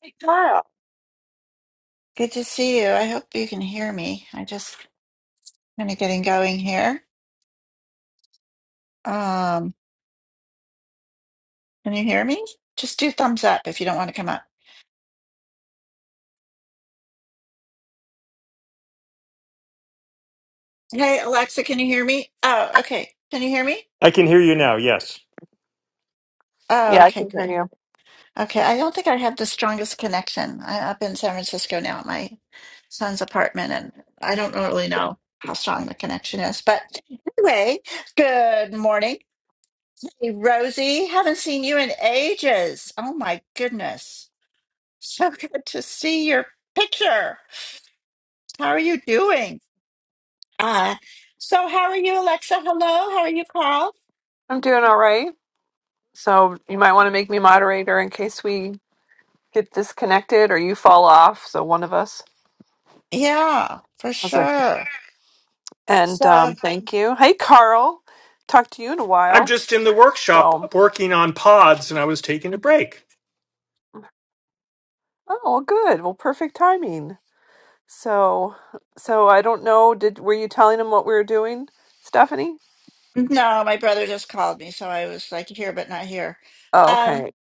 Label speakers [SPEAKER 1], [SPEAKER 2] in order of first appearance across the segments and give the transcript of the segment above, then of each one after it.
[SPEAKER 1] Hey, Carl. Good to see you. I hope you can hear me. I just kind of getting going here. Um, can you hear me? Just do thumbs up if you don't want to come up. Hey, Alexa, can you hear me? Oh, okay. Can you hear me?
[SPEAKER 2] I can hear you now. Yes.
[SPEAKER 1] Oh,
[SPEAKER 3] Yeah, I
[SPEAKER 1] okay,
[SPEAKER 3] can hear
[SPEAKER 1] good.
[SPEAKER 3] you.
[SPEAKER 1] Okay, I don't think I have the strongest connection. I, am up in San Francisco now at my son's apartment, and I don't really know how strong the connection is. But anyway, good morning. Hey, Rosie, haven't seen you in ages. Oh my goodness. So good to see your picture. How are you doing? Uh, so how are you, Alexa? Hello, how are you, Carl?
[SPEAKER 3] I'm doing all right. So you might want to make me moderator in case we get disconnected or you fall off. So one of us.
[SPEAKER 1] Yeah, for
[SPEAKER 3] How's that?
[SPEAKER 1] sure.
[SPEAKER 3] And
[SPEAKER 1] So
[SPEAKER 3] um, thank you. Hey, Carl. Talked to you in a
[SPEAKER 2] I'm
[SPEAKER 3] while.
[SPEAKER 2] just in the
[SPEAKER 3] So
[SPEAKER 2] workshop working on pods and I was taking a break.
[SPEAKER 3] oh, well, good. Well, perfect timing. So so I don't know. Did were you telling him what we were doing, Stephanie?
[SPEAKER 1] no, my brother just called me, so I was like here but not here.
[SPEAKER 3] Oh,
[SPEAKER 1] Um,
[SPEAKER 3] okay.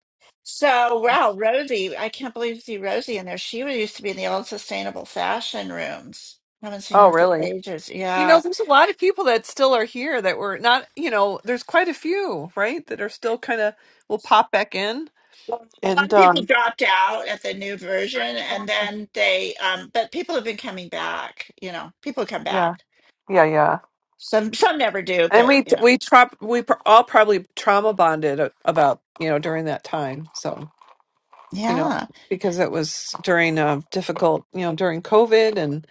[SPEAKER 1] so wow, Rosie, I can't believe to see Rosie in there. She used to be in the old sustainable fashion rooms. Haven't seen
[SPEAKER 3] Oh,
[SPEAKER 1] her for
[SPEAKER 3] really?
[SPEAKER 1] ages.
[SPEAKER 3] You
[SPEAKER 1] Yeah.
[SPEAKER 3] know, there's a lot of people that still are here that were not. You know, there's quite a few, right? That are still kind of will pop back in.
[SPEAKER 1] Well, a lot
[SPEAKER 3] and
[SPEAKER 1] of people
[SPEAKER 3] um
[SPEAKER 1] dropped out at the new version, and then they, um, but people have been coming back. You know, people come
[SPEAKER 3] yeah
[SPEAKER 1] back.
[SPEAKER 3] yeah yeah
[SPEAKER 1] Some some never do,
[SPEAKER 3] and
[SPEAKER 1] but
[SPEAKER 3] we
[SPEAKER 1] you know,
[SPEAKER 3] we tra- we pr- all probably trauma bonded a- about you know during that time so you know
[SPEAKER 1] yeah,
[SPEAKER 3] because it was during uh, difficult you know during covid and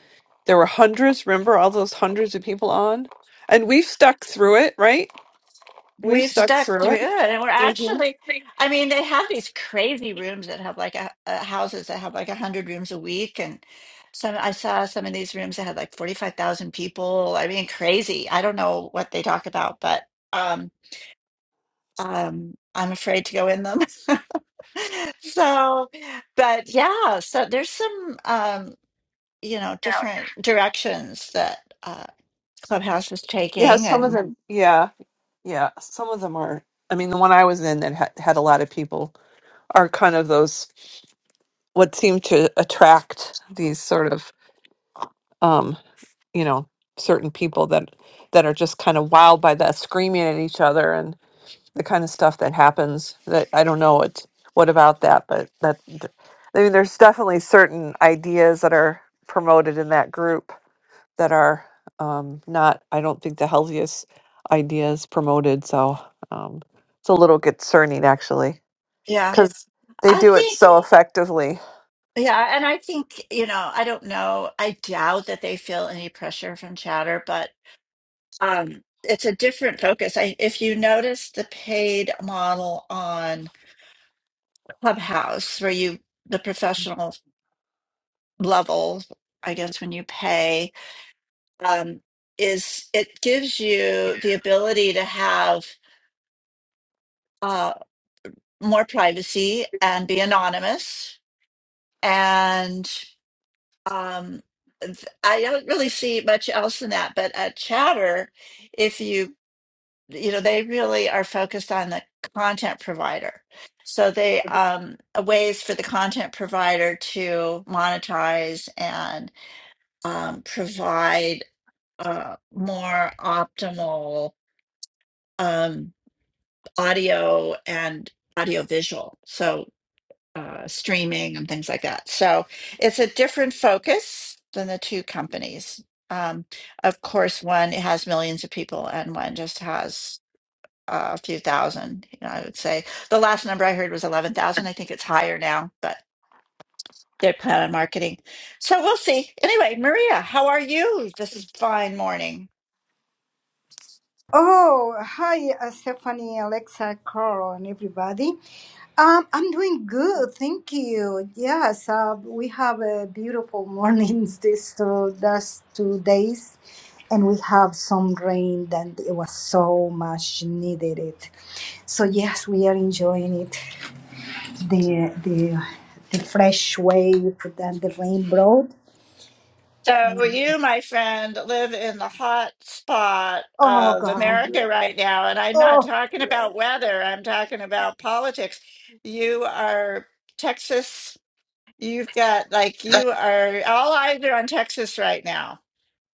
[SPEAKER 3] there were hundreds remember all those hundreds of people on and we've stuck through it right we've
[SPEAKER 1] we've
[SPEAKER 3] stuck
[SPEAKER 1] stuck
[SPEAKER 3] through
[SPEAKER 1] through it,
[SPEAKER 3] it
[SPEAKER 1] and we're
[SPEAKER 3] Mhm.
[SPEAKER 1] actually. I mean, they have these crazy rooms that have like a, uh houses that have like a hundred rooms a week, and some I saw some of these rooms that had like forty five thousand people. I mean, crazy. I don't know what they talk about, but um, um, I'm afraid to go in them. So, but yeah, so there's some um, you know, different directions that uh Clubhouse is
[SPEAKER 3] yeah
[SPEAKER 1] taking
[SPEAKER 3] some of
[SPEAKER 1] and
[SPEAKER 3] them yeah yeah some of them are i mean the one i was in that had, had a lot of people are kind of those what seemed to attract these sort of um you know certain people that that are just kind of wild by that screaming at each other and the kind of stuff that happens that i don't know what what about that but that I mean there's definitely certain ideas that are promoted in that group that are um not i don't think the healthiest ideas promoted so um it's a little concerning actually
[SPEAKER 1] yeah,
[SPEAKER 3] because they
[SPEAKER 1] I
[SPEAKER 3] do it
[SPEAKER 1] think
[SPEAKER 3] so effectively
[SPEAKER 1] yeah, and I think, you know, I don't know, I doubt that they feel any pressure from Chatter, but um it's a different focus. I if you notice the paid model on Clubhouse where you the professional level, I guess when you pay um, is it gives you the ability to have uh, more privacy and be anonymous. And um, th- I don't really see much else in that. But at Chatter, if you, you know, they really are focused on the content provider. So they um, ways for the content provider to monetize and um, provide uh, more optimal. Um, audio and audiovisual, so uh, streaming and things like that. So it's a different focus than the two companies. Um, of course, one has millions of people, and one just has uh, a few thousand. You know, I would say the last number I heard was eleven thousand. I think it's higher now, but they plan on marketing. So we'll see. Anyway, Maria, how are you this fine morning?
[SPEAKER 4] Oh, hi, uh, Stephanie, Alexa, Carl, and everybody. Um, I'm doing good, thank you. Yes, uh, we have a beautiful mornings this uh, last two days, and we have some rain, and it was so much needed. It. So yes, we are enjoying it. The the the fresh wave that the rain brought.
[SPEAKER 1] So you, my friend, live in the hot spot
[SPEAKER 4] Oh
[SPEAKER 1] of
[SPEAKER 4] God!
[SPEAKER 1] America right now, and I'm not
[SPEAKER 4] Oh.
[SPEAKER 1] talking about weather. I'm talking about politics. You are Texas. You've got like you are all eyes are on Texas right now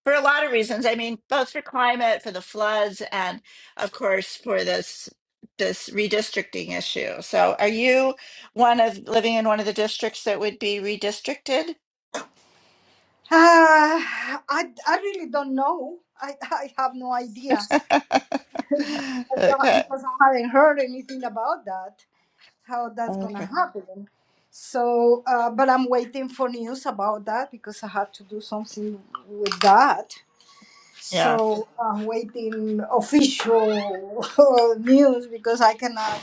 [SPEAKER 1] for a lot of reasons. I mean, both for climate, for the floods, and of course for this this redistricting issue. So, are you one of living in one of the districts that would be redistricted?
[SPEAKER 4] Uh, I, I really don't know. I, I have no idea I don't-
[SPEAKER 1] okay.
[SPEAKER 4] because I haven't heard anything about that, how that's going to
[SPEAKER 1] Okay.
[SPEAKER 4] happen. So, uh, but I'm waiting for news about that because I have to do something with that.
[SPEAKER 1] Yeah.
[SPEAKER 4] So I'm waiting official news because I cannot,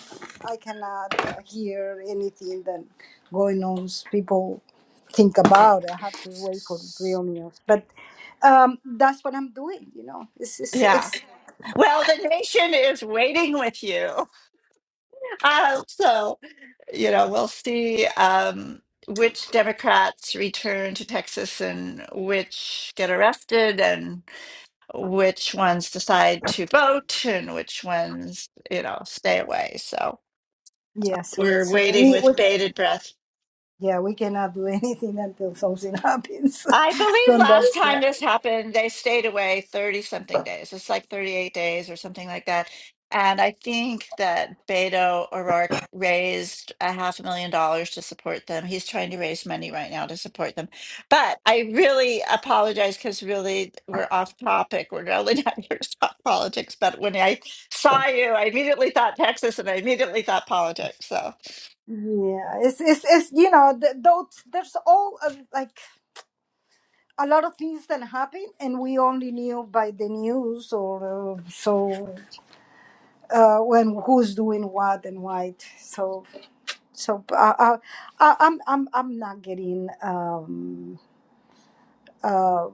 [SPEAKER 4] I cannot uh, hear anything that going on. People think
[SPEAKER 1] It-
[SPEAKER 4] about. I have to wait for real news. But um, that's what I'm doing. You know, it's, it's,
[SPEAKER 1] yeah.
[SPEAKER 4] it's
[SPEAKER 1] Well, the nation is waiting with you. Um, so, you know, we'll see um, which Democrats return to Texas and which get arrested and which ones decide to vote and which ones, you know, stay away. So
[SPEAKER 4] yeah. So,
[SPEAKER 1] we're
[SPEAKER 4] so
[SPEAKER 1] waiting
[SPEAKER 4] we, we
[SPEAKER 1] with bated breath
[SPEAKER 4] yeah we cannot do anything until something happens. so
[SPEAKER 1] I believe last
[SPEAKER 4] that's
[SPEAKER 1] time
[SPEAKER 4] uh,
[SPEAKER 1] this happened, they stayed away 30 something days. It's like 38 days or something like that. And I think that Beto O'Rourke raised a half a million dollars to support them. He's trying to raise money right now to support them. But I really apologize because really we're off topic. We're really not here to talk politics. But when I saw you, I immediately thought Texas and I immediately thought politics. So,
[SPEAKER 4] yeah. It's it's it's you know th- those there's all uh, like a lot of things that happened, and we only knew by the news or uh, so uh, when who's doing what and why. So so uh, uh, I, I'm I'm I'm not getting um, uh,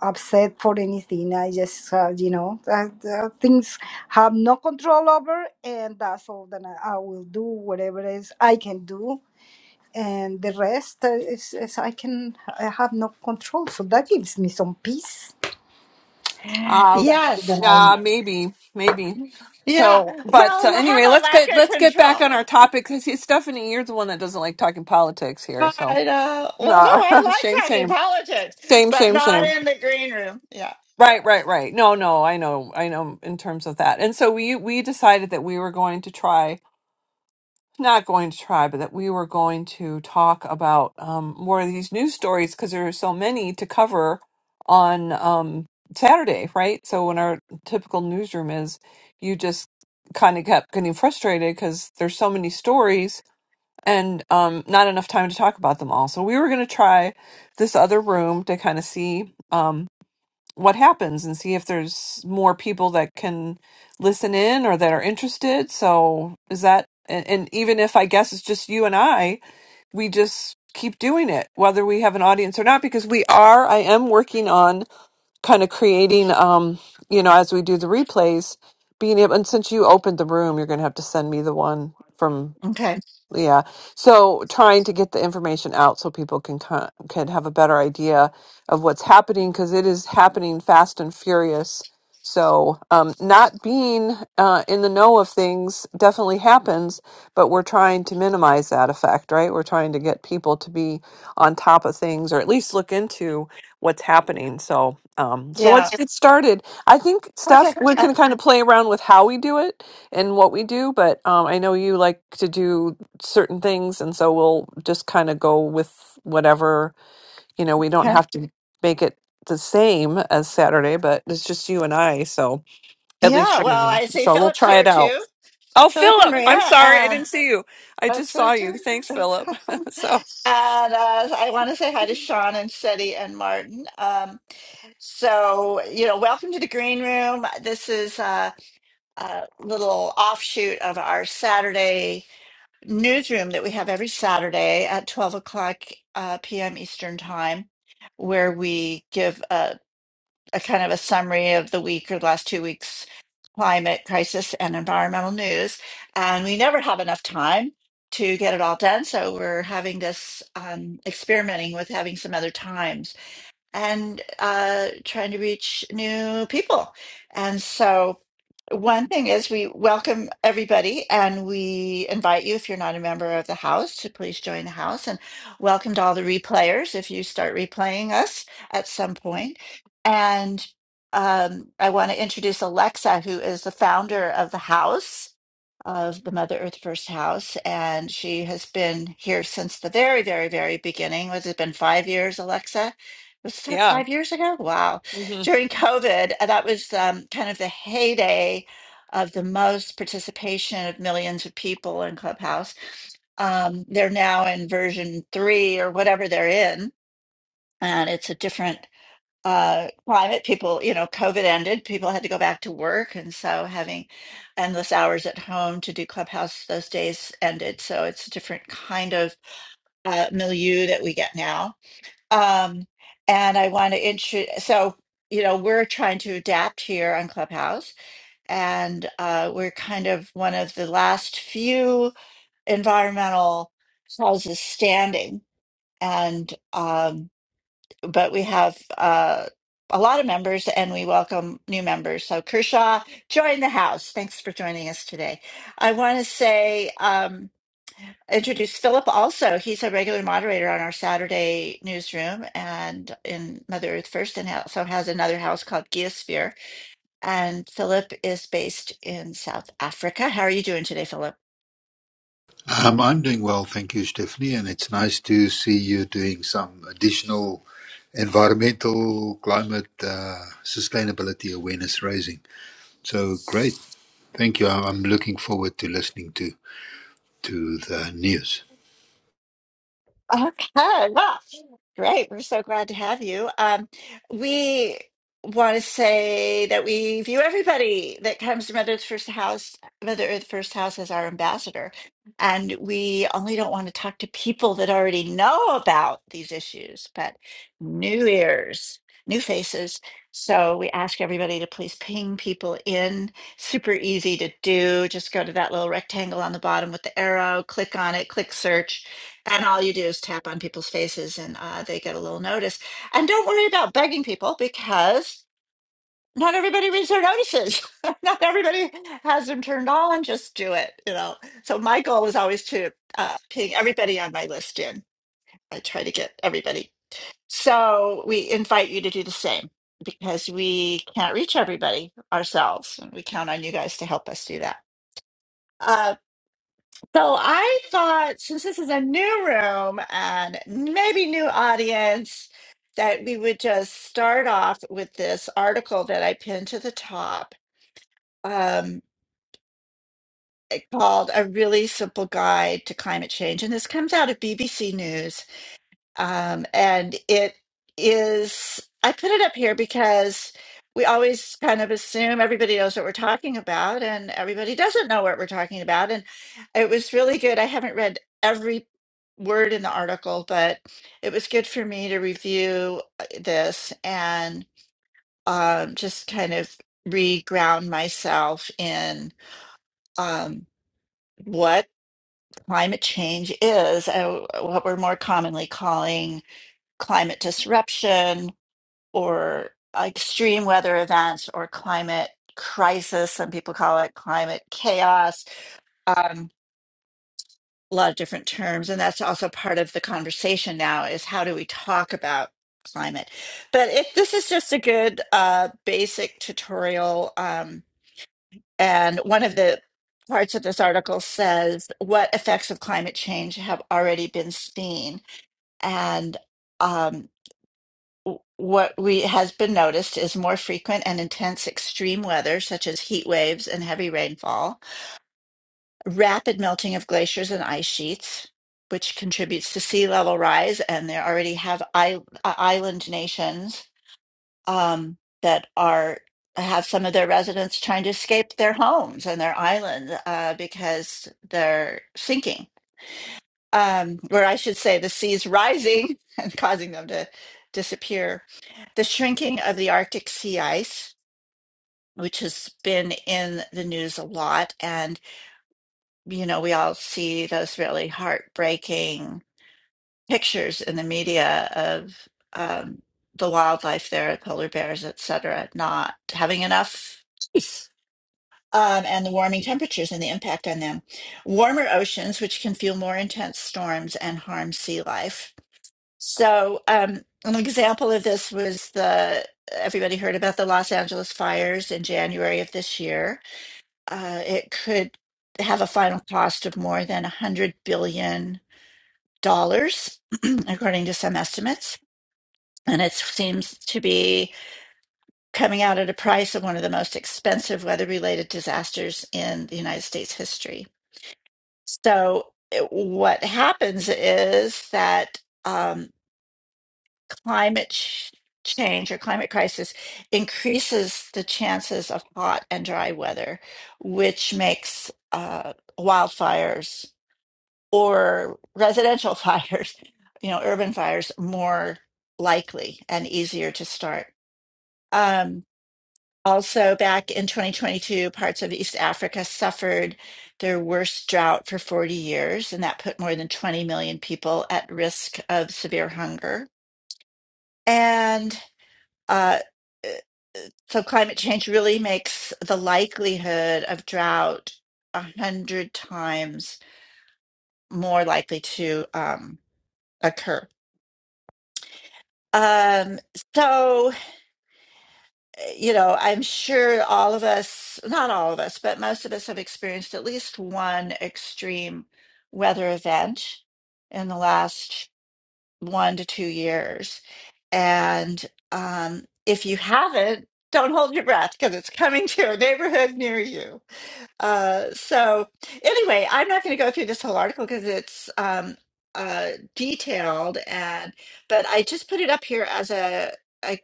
[SPEAKER 4] upset for anything. I just uh, you know uh, uh, things have no control over, and that's all that I, I will do. Whatever else I can do. And the rest uh, is, is I can I have no control, so that gives me some peace. That's all
[SPEAKER 1] yes.
[SPEAKER 4] that I need.
[SPEAKER 3] Uh, maybe, maybe.
[SPEAKER 1] Yeah.
[SPEAKER 3] So, but uh,
[SPEAKER 1] Well, have
[SPEAKER 3] anyway,
[SPEAKER 1] a
[SPEAKER 3] let's
[SPEAKER 1] lack
[SPEAKER 3] get
[SPEAKER 1] of
[SPEAKER 3] let's get back
[SPEAKER 1] control.
[SPEAKER 3] on our topic. 'cause See, Stephanie, you're the one that doesn't like talking politics here.
[SPEAKER 1] God,
[SPEAKER 3] So,
[SPEAKER 1] uh, well, no, I
[SPEAKER 3] uh,
[SPEAKER 1] like
[SPEAKER 3] shame,
[SPEAKER 1] talking
[SPEAKER 3] shame,
[SPEAKER 1] politics,
[SPEAKER 3] shame,
[SPEAKER 1] but
[SPEAKER 3] shame,
[SPEAKER 1] not
[SPEAKER 3] shame.
[SPEAKER 1] in the green room. Yeah,
[SPEAKER 3] Right,
[SPEAKER 1] yeah.
[SPEAKER 3] right, right. No, no, I know, I know. In terms of that, and so we we decided that we were going to try not going to try, but that we were going to talk about um, more of these news stories because there are so many to cover on um, Saturday, right? So when our typical newsroom is, you just kind of kept getting frustrated because there's so many stories and um, not enough time to talk about them all. So we were going to try this other room to kind of see. Um, what happens and see if there's more people that can listen in or that are interested. So is that and, and even if I guess it's just you and I, we just keep doing it whether we have an audience or not because we are I am working on kind of creating um you know as we do the replays being able and since you opened the room you're going to have to send me the one from
[SPEAKER 1] Okay.
[SPEAKER 3] yeah. So trying to get the information out so people can co- can have a better idea of what's happening because it is happening fast and furious. So um, not being uh, in the know of things definitely happens, but we're trying to minimize that effect, right? We're trying to get people to be on top of things or at least look into what's happening. So um, so let's
[SPEAKER 1] Yeah.
[SPEAKER 3] get started. I think Steph,
[SPEAKER 1] Okay.
[SPEAKER 3] we
[SPEAKER 1] Uh,
[SPEAKER 3] can kind of play around with how we do it and what we do, but um, I know you like to do certain things and so we'll just kind of go with whatever you know we don't
[SPEAKER 1] okay.
[SPEAKER 3] have to make it the same as saturday but it's just you and i so at least
[SPEAKER 1] Yeah.
[SPEAKER 3] for
[SPEAKER 1] Well,
[SPEAKER 3] me
[SPEAKER 1] I see
[SPEAKER 3] so we'll
[SPEAKER 1] Philip's
[SPEAKER 3] try
[SPEAKER 1] here
[SPEAKER 3] it out
[SPEAKER 1] too.
[SPEAKER 3] oh
[SPEAKER 1] Philip and
[SPEAKER 3] philip
[SPEAKER 1] Maria.
[SPEAKER 3] i'm sorry i didn't
[SPEAKER 1] Um,
[SPEAKER 3] see you i
[SPEAKER 1] that's
[SPEAKER 3] just
[SPEAKER 1] very
[SPEAKER 3] saw
[SPEAKER 1] good.
[SPEAKER 3] you thanks
[SPEAKER 1] and
[SPEAKER 3] philip so
[SPEAKER 1] uh, I want to say hi to Sean and Seti and Martin. Um, so, you know, welcome to the green room. This is a, a little offshoot of our Saturday. newsroom that we have every Saturday at 12 o'clock uh, p.m. Eastern Time, where we give a, a kind of a summary of the week or the last two weeks' climate crisis and environmental news. And we never have enough time to get it all done. So we're having this um, experimenting with having some other times and uh, trying to reach new people. And so, one thing is we welcome everybody and we invite you, if you're not a member of the house, to please join the house and welcome to all the replayers if you start replaying us at some point. And um, I want to introduce Alexa, who is the founder of the house of the Mother Earth First House, and she has been here since the very, very, very beginning. Was it been five years, Alexa? Was it start
[SPEAKER 3] yeah
[SPEAKER 1] five years ago? Wow.
[SPEAKER 3] hmm
[SPEAKER 1] During COVID, uh, that was um, kind of the heyday of the most participation of millions of people in Clubhouse. Um, they're now in version three or whatever they're in, and it's a different uh, climate, people, you know, COVID ended, people had to go back to work. And so having endless hours at home to do Clubhouse those days ended. So it's a different kind of uh, milieu that we get now. Um, and I want to introduce, so, you know, we're trying to adapt here on Clubhouse. And uh, we're kind of one of the last few environmental houses standing. And um, but we have uh, a lot of members and we welcome new members. So Kershaw, join the house. Thanks for joining us today. I want to say, um, introduce Philip also. He's a regular moderator on our Saturday newsroom and in Mother Earth First and also has another house called Geosphere. And Philip is based in South Africa. How are you doing today, Philip?
[SPEAKER 5] Um, I'm doing well, thank you, Stephanie, and it's nice to see you doing some additional environmental, climate, uh, sustainability awareness raising. So great, thank you. I'm I'm looking forward to listening to to the news.
[SPEAKER 1] Okay, well, great. We're so glad to have you. Um, we want to say that we view everybody that comes to Mother Earth First House, Mother Earth First House as our ambassador. And we only don't want to talk to people that already know about these issues, but new ears, new faces. So we ask everybody to please ping people in. Super easy to do. Just go to that little rectangle on the bottom with the arrow, click on it, click search and all you do is tap on people's faces and uh, they get a little notice and don't worry about begging people because not everybody reads their notices not everybody has them turned on just do it you know so my goal was always to uh, ping everybody on my list in i try to get everybody so we invite you to do the same because we can't reach everybody ourselves and we count on you guys to help us do that Uh, so I thought since this is a new room and maybe new audience, that we would just start off with this article that I pinned to the top um, eh, called A Really Simple Guide to Climate Change. And this comes out of BBC News. Um, and it is, I put it up here because we always kind of assume everybody knows what we're talking about, and everybody doesn't know what we're talking about. And it was really good. I haven't read every word in the article, but it was good for me to review uh, this and um, just kind of re-ground myself in um, what climate change is, uh, what we're more commonly calling climate disruption or like, extreme weather events or climate crisis. Some people call it climate chaos. Um, a lot of different terms, and that's also part of the conversation now: is how do we talk about climate? But if this is just a good uh, basic tutorial, um, and one of the parts of this article says what effects of climate change have already been seen and um, What we has been noticed is more frequent and intense extreme weather, such as heat waves and heavy rainfall, rapid melting of glaciers and ice sheets, which contributes to sea level rise. And there already have I- uh, island nations um, that are have some of their residents trying to escape their homes and their island uh, because they're sinking um, or I should say, the seas rising and causing them to disappear. The shrinking of the Arctic sea ice, which has been in the news a lot. And, you know, we all see those really heartbreaking pictures in the media of um, the wildlife there, polar bears, et cetera, not having enough. ice, Um, and the warming temperatures and the impact on them. Warmer oceans, which can fuel more intense storms and harm sea life So, um, an example of this was the everybody heard about the Los Angeles fires in January of this year. Uh, it could have a final cost of more than $100 billion, dollars, according to some estimates. And it seems to be coming out at a price of one of the most expensive weather related disasters in the United States history. So, it- what happens is that. Um, climate ch- change or climate crisis increases the chances of hot and dry weather, which makes uh, wildfires or residential fires, you know, urban fires more likely and easier to start. Um, also, back in 2022, parts of East Africa suffered their worst drought for 40 years, and that put more than 20 million people at risk of severe hunger. and. Uh, eh, so climate change really makes the likelihood of drought a hundred times more likely to um, occur. Um, so, eh, you know, I'm sure all of us, not all of us, but most of us have experienced at least one extreme weather event in the last one to two years. And um, if you haven't, don't hold your breath because it's coming to a neighborhood near you. Uh, so anyway, I'm not going to go through this whole article because it's um, uh, detailed, and but I just put it up here as a a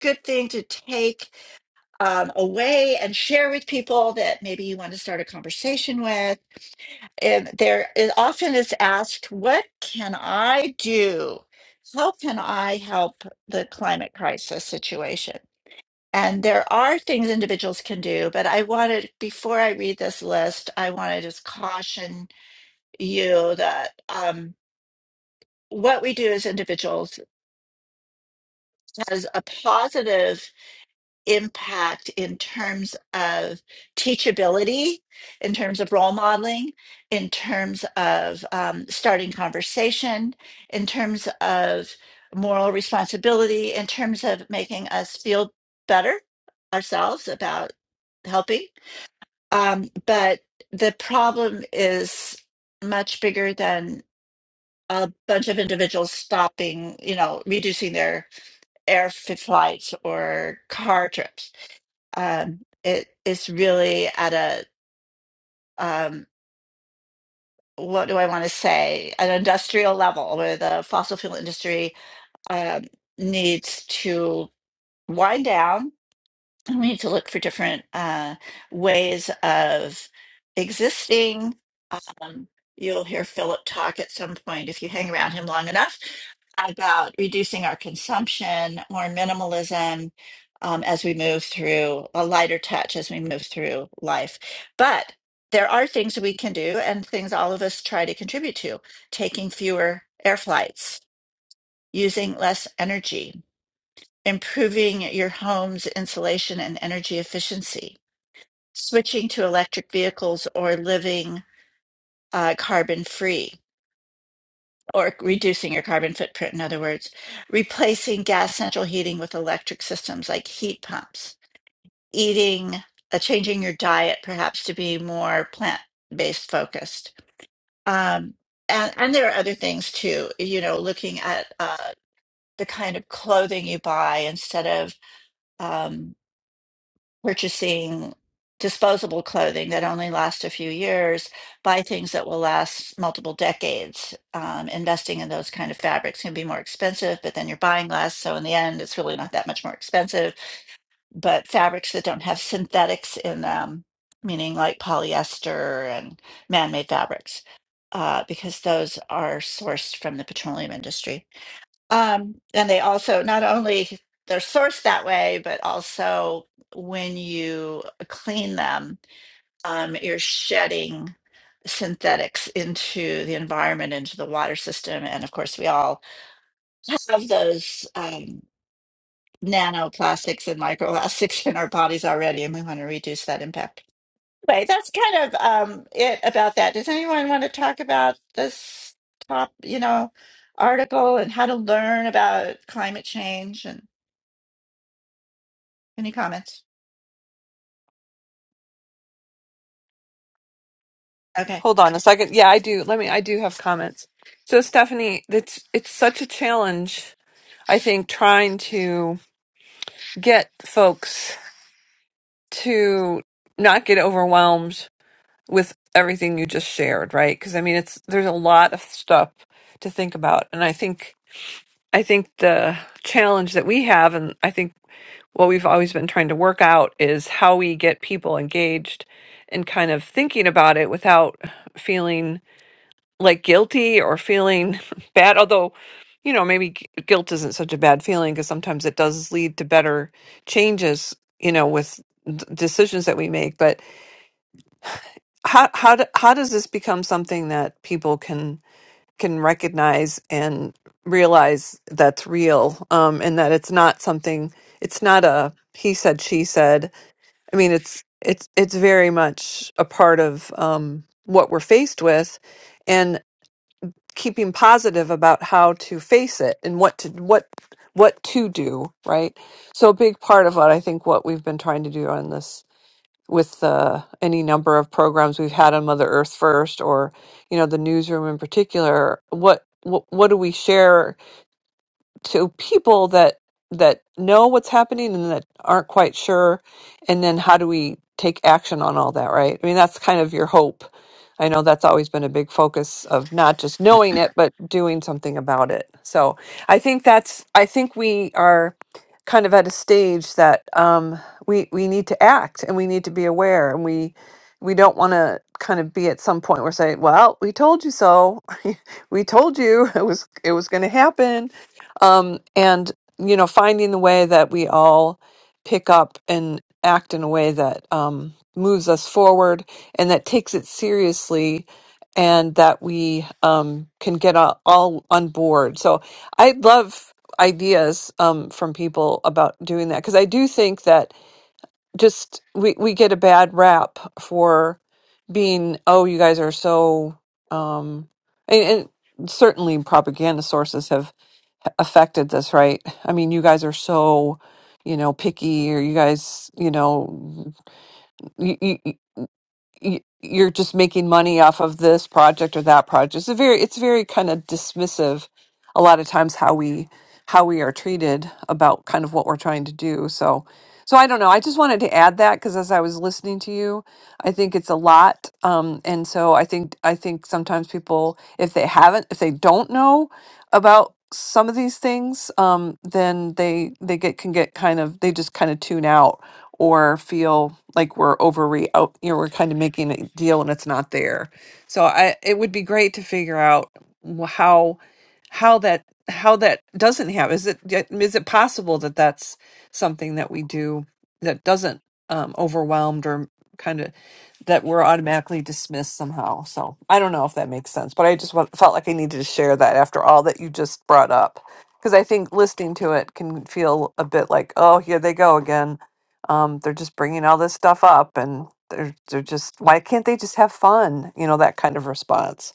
[SPEAKER 1] good thing to take um, away and share with people that maybe you want to start a conversation with. And there is often is asked, "What can I do? How can I help the climate crisis situation?" And there are things individuals can do, but I wanted, before I read this list, I want to just caution you that um, what we do as individuals has a positive impact in terms of teachability, in terms of role modeling, in terms of um, starting conversation, in terms of moral responsibility, in terms of making us feel better ourselves about helping Um, but the problem is much bigger than a bunch of individuals stopping, you know, reducing their air f- flights or car trips. Um, it is really at a, um, what do I want to say, an industrial level where the fossil fuel industry um, needs to wind down. And we need to look for different uh, ways of existing Um, you'll hear Philip talk at some point if you hang around him long enough about reducing our consumption, more minimalism um, as we move through a lighter touch as we move through life. But there are things that we can do and things all of us try to contribute to taking fewer air flights, using less energy, improving your home's insulation and energy efficiency, switching to electric vehicles or living uh, carbon free or reducing your carbon footprint, in other words, replacing gas central heating with electric systems like heat pumps, eating, uh, changing your diet perhaps to be more plant based focused. Um, and, and there are other things too, you know, looking at uh, the kind of clothing you buy instead of. Um, purchasing disposable clothing that only lasts a few years, buy things that will last multiple decades. Um, investing in those kind of fabrics can be more expensive, but then you're buying less. So in the end, it's really not that much more expensive. But fabrics that don't have synthetics in them, meaning like polyester and man made fabrics, uh, because those are sourced from the petroleum industry. Um, and they also not only they're sourced that way, but also when you clean them, um, you're shedding synthetics into the environment, into the water system. And of course, we all have those um, nanoplastics and microplastics in our bodies already, and we want to reduce that impact. Anyway, that's kind of um, it about that. Does anyone want to talk about this top, you know, article and how to learn about climate change and any comments? Okay.
[SPEAKER 3] hold on a second yeah i do let me i do have comments so stephanie it's it's such a challenge i think trying to get folks to not get overwhelmed with everything you just shared, right? Because I mean, it's there's a lot of stuff to think about, and I think I think the challenge that we have, and I think what we've always been trying to work out is how we get people engaged and kind of thinking about it without feeling like guilty or feeling bad. Although, you know, maybe gu- guilt isn't such a bad feeling because sometimes it does lead to better changes, you know, with d- decisions that we make. But how how do, how does this become something that people can can recognize and realize that's real um and that it's not something it's not a he said she said i mean it's it's it's very much a part of um what we're faced with and keeping positive about how to face it and what to what what to do right so a big part of what i think what we've been trying to do on this with uh, any number of programs we've had on Mother Earth First, or you know the newsroom in particular. What what, what do we share? to people that that know what's happening and that aren't quite sure and then how do we take action on all that right i mean that's kind of your hope i know that's always been a big focus of not just knowing it but doing something about it so i think that's i think we are kind of at a stage that um, we we need to act and we need to be aware and we we don't want to kind of be at some point where say well we told you so we told you it was it was going to happen um, and you know finding the way that we all pick up and act in a way that um, moves us forward and that takes it seriously and that we um, can get all, all on board so i love ideas um, from people about doing that because i do think that just we, we get a bad rap for being oh you guys are so um, and, and certainly propaganda sources have affected this, right? I mean, you guys are so, you know, picky, or you guys, you know, you, you, you, you're just making money off of this project or that project. It's a very, it's very kind of dismissive. A lot of times, how we how we are treated about kind of what we're trying to do. So, so I don't know. I just wanted to add that because as I was listening to you, I think it's a lot. Um, and so I think I think sometimes people, if they haven't, if they don't know about some of these things, um, then they they get can get kind of they just kind of tune out or feel like we're overre out, you know, we're kind of making a deal and it's not there. So I it would be great to figure out wh- how how that how that doesn't happen. Is it is it possible that that's something that we do that doesn't um, overwhelmed or kind of that we're automatically dismissed somehow. So I don't know if that makes sense, but I just want, felt like I needed to share that after all that you just brought up because I think listening to it can feel a bit like, oh, here they go again. Um, they're just bringing all this stuff up and they're they're just why can't they just have fun? You know that kind of response.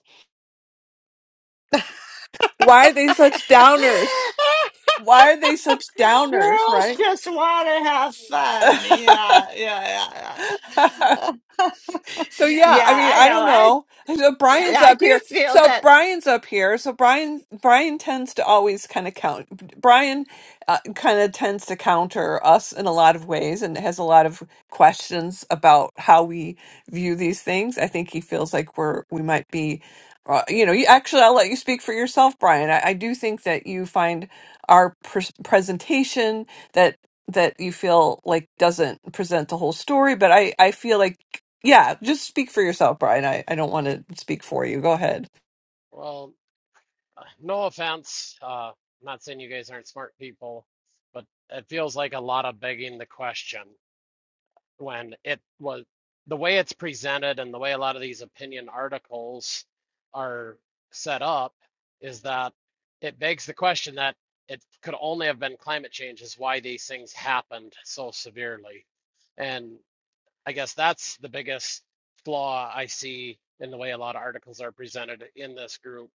[SPEAKER 3] Why are they such downers? Why are they such downers,
[SPEAKER 1] Girls
[SPEAKER 3] right?
[SPEAKER 1] just want to have fun. Yeah, yeah, yeah, yeah.
[SPEAKER 3] So yeah, I
[SPEAKER 1] yeah,
[SPEAKER 3] mean,
[SPEAKER 1] I
[SPEAKER 3] I
[SPEAKER 1] know.
[SPEAKER 3] don't
[SPEAKER 1] I
[SPEAKER 3] know. So Brian's
[SPEAKER 1] I
[SPEAKER 3] up
[SPEAKER 1] do
[SPEAKER 3] here.
[SPEAKER 1] feel
[SPEAKER 3] So
[SPEAKER 1] that.
[SPEAKER 3] Brian's up here. So Brian Brian tends to always kind of count. Brian uh, kind of tends to counter us in a lot of ways and has a lot of questions about how we view these things. I think he feels like we're we might be uh, you know, you, actually, I'll let you speak for yourself, Brian. I, I do think that you find our pres presentation that that you feel like doesn't present the whole story but i i feel like yeah, just speak for yourself, Brian. I, I don't want to speak for you. Go ahead.
[SPEAKER 6] Well, uh, no offense. Uh, I'm not saying you guys aren't smart people, but it feels like a lot of begging the question when it was the way it's presented and the way a lot of these opinion articles are set up is that it begs the question that it could only have been climate change is why these things happened so severely. And I guess that's the biggest flaw I see in the way a lot of articles are presented in this group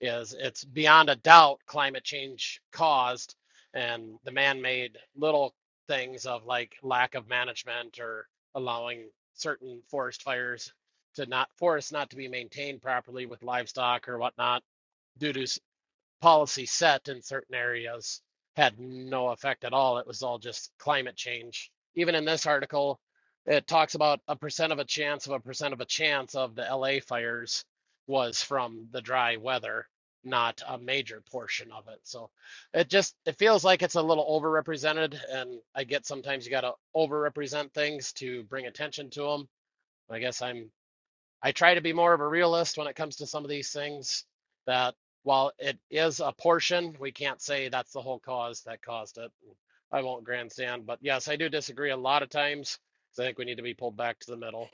[SPEAKER 6] is it's beyond a doubt climate change caused and the man-made little things of like lack of management or allowing certain forest fires to not forests not to be maintained properly with livestock or whatnot due to policy set in certain areas had no effect at all. It was all just climate change. Even in this article, it talks about a percent of a chance of a percent of a chance of the LA fires was from the dry weather, not a major portion of it. So it just it feels like it's a little overrepresented and I get sometimes you got to overrepresent things to bring attention to them. I guess I'm I try to be more of a realist when it comes to some of these things that while it is a portion, we can't say that's the whole cause that caused it. I won't grandstand, but yes, I do disagree a lot of times. 'cause I think we need to be pulled back to the middle.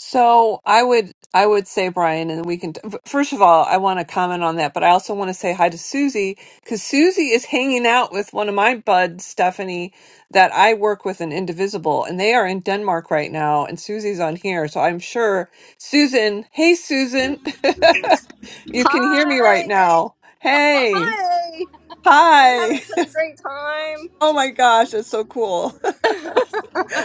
[SPEAKER 3] So I would I would say Brian, and we can. First of all, I want to comment on that, but I also want to say hi to Susie because Susie is hanging out with one of my buds, Stephanie, that I work with in Indivisible, and they are in Denmark right now, and Susie's on here, so I'm sure Susan. Hey, Susan, you can hear me right
[SPEAKER 7] Hi!
[SPEAKER 3] now. Hey,
[SPEAKER 7] Hi! We're
[SPEAKER 3] hi.
[SPEAKER 7] having such a great time.
[SPEAKER 3] Oh my gosh, that's so cool.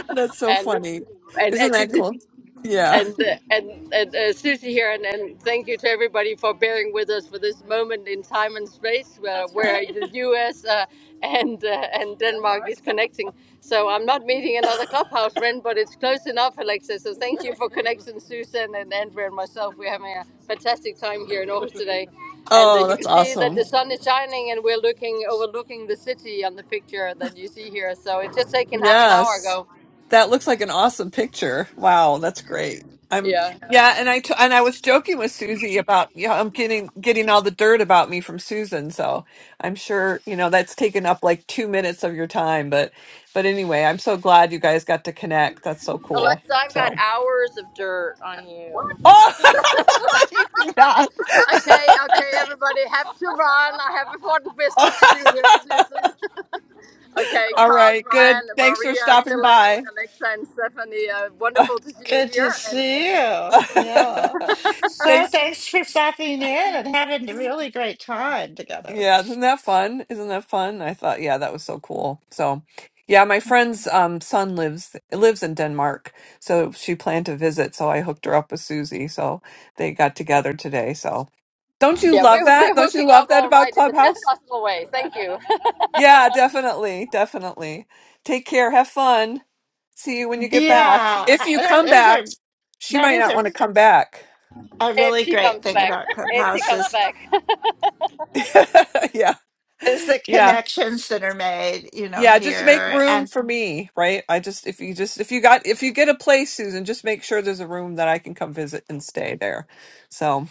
[SPEAKER 3] That's so
[SPEAKER 7] And
[SPEAKER 3] funny.
[SPEAKER 7] and
[SPEAKER 3] Isn't that
[SPEAKER 7] actually,
[SPEAKER 3] cool? Yeah.
[SPEAKER 7] and and, and uh, Susie here, and, and thank you to everybody for bearing with us for this moment in time and space uh, That's where right. the U.S. Uh, and uh, and Denmark is connecting. So I'm not meeting another clubhouse friend, but it's close enough, Alexa. So thank you for connection, Susan and Andrea and myself. We're having a fantastic time here in Aarhus today, and uh,
[SPEAKER 3] Oh,
[SPEAKER 7] you
[SPEAKER 3] that's
[SPEAKER 7] can see that
[SPEAKER 3] awesome.
[SPEAKER 7] the sun is shining, and we're looking overlooking the city on the picture that you see here. So it's just taken half an hour
[SPEAKER 3] Yes.
[SPEAKER 7] ago.
[SPEAKER 3] That looks like an awesome picture. Wow, that's great. I'm
[SPEAKER 7] Yeah.
[SPEAKER 3] yeah, and I t- and I was joking with Susie about yeah, I'm getting getting all the dirt about me from Susan, so I'm sure, you know, that's taken up like 2 minutes of your time, but but anyway, I'm so glad you guys got to connect. That's so cool.
[SPEAKER 7] Alexa, I've got
[SPEAKER 3] So
[SPEAKER 7] hours of dirt on you.
[SPEAKER 3] Oh, you do that.
[SPEAKER 7] Okay, okay, everybody, have to run. I have important business to do here, Susan. Okay,
[SPEAKER 3] All
[SPEAKER 7] Carl,
[SPEAKER 3] right, good.
[SPEAKER 7] Brian,
[SPEAKER 3] Thanks for
[SPEAKER 7] Maria,
[SPEAKER 3] stopping
[SPEAKER 7] Philip,
[SPEAKER 3] by.
[SPEAKER 7] Alexa, and Stephanie, uh, wonderful to see you
[SPEAKER 1] Good to
[SPEAKER 7] here. And
[SPEAKER 1] see
[SPEAKER 7] uh,
[SPEAKER 1] you. Yeah. So
[SPEAKER 3] Thanks.
[SPEAKER 1] thanks for stopping in and having a really great time together.
[SPEAKER 3] Yeah, isn't that fun? Isn't that fun? I thought, yeah, that was so cool. So, yeah, my friend's um, son lives lives in Denmark, so she planned to visit. So I hooked her up with Susie. So they got together today. So, don't you
[SPEAKER 7] yeah,
[SPEAKER 3] love
[SPEAKER 7] we're,
[SPEAKER 3] that?
[SPEAKER 7] we're
[SPEAKER 3] Don't you
[SPEAKER 7] hooking
[SPEAKER 3] love
[SPEAKER 7] up
[SPEAKER 3] that
[SPEAKER 7] all
[SPEAKER 3] about
[SPEAKER 7] right in the best
[SPEAKER 3] Clubhouse?
[SPEAKER 7] possible way. Thank you.
[SPEAKER 3] Yeah, definitely, definitely. Take care. Have fun. See you when you get back.
[SPEAKER 1] Yeah,
[SPEAKER 3] If you
[SPEAKER 1] that
[SPEAKER 3] come
[SPEAKER 1] is
[SPEAKER 3] back,
[SPEAKER 1] a
[SPEAKER 3] she
[SPEAKER 1] that
[SPEAKER 3] might
[SPEAKER 1] is
[SPEAKER 3] not
[SPEAKER 1] a,
[SPEAKER 3] want to come back.
[SPEAKER 1] a
[SPEAKER 7] if
[SPEAKER 1] really
[SPEAKER 7] she
[SPEAKER 1] great
[SPEAKER 7] comes
[SPEAKER 1] thing
[SPEAKER 7] back,
[SPEAKER 1] about
[SPEAKER 7] if she
[SPEAKER 1] Clubhouse
[SPEAKER 7] comes
[SPEAKER 1] is,
[SPEAKER 7] back.
[SPEAKER 3] yeah,
[SPEAKER 1] is the
[SPEAKER 3] yeah.
[SPEAKER 1] connections that are made, you know,
[SPEAKER 3] Yeah, just make
[SPEAKER 1] here
[SPEAKER 3] room
[SPEAKER 1] and
[SPEAKER 3] for me, right? I just if you just if you got if you get a place, Susan, just make sure there's a room that I can come visit and stay there. So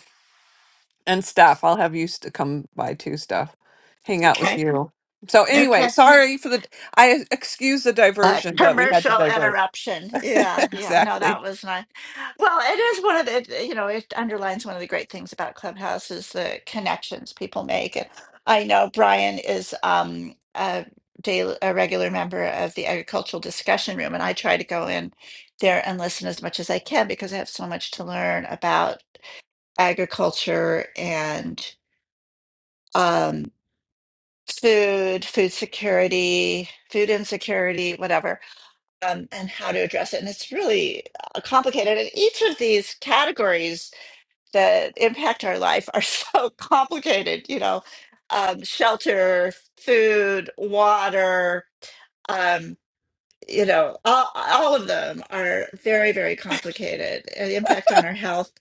[SPEAKER 3] and Steph, I'll have you to come by too, Steph. Hang out with
[SPEAKER 1] okay,
[SPEAKER 3] you. So anyway,
[SPEAKER 1] okay.
[SPEAKER 3] sorry for the I excuse the
[SPEAKER 1] A
[SPEAKER 3] diversion, but we had to
[SPEAKER 1] commercial
[SPEAKER 3] divert.
[SPEAKER 1] interruption. Yeah, yeah. No, that
[SPEAKER 3] exactly.
[SPEAKER 1] was nice. Well, it is one of the, you know, it underlines one of the great things about Clubhouse is the connections people make. And I know Brian is um, a daily, a regular member of the agricultural discussion room, and I try to go in there and listen as much as I can because I have so much to learn about agriculture and um, food, food security, food insecurity, whatever um, and how to address it. And it's really uh, complicated. And each of these categories that impact our life are so complicated, you know, um, shelter, food, water, um, you know, all, all of them are very, very complicated. Uh, The impact on our health.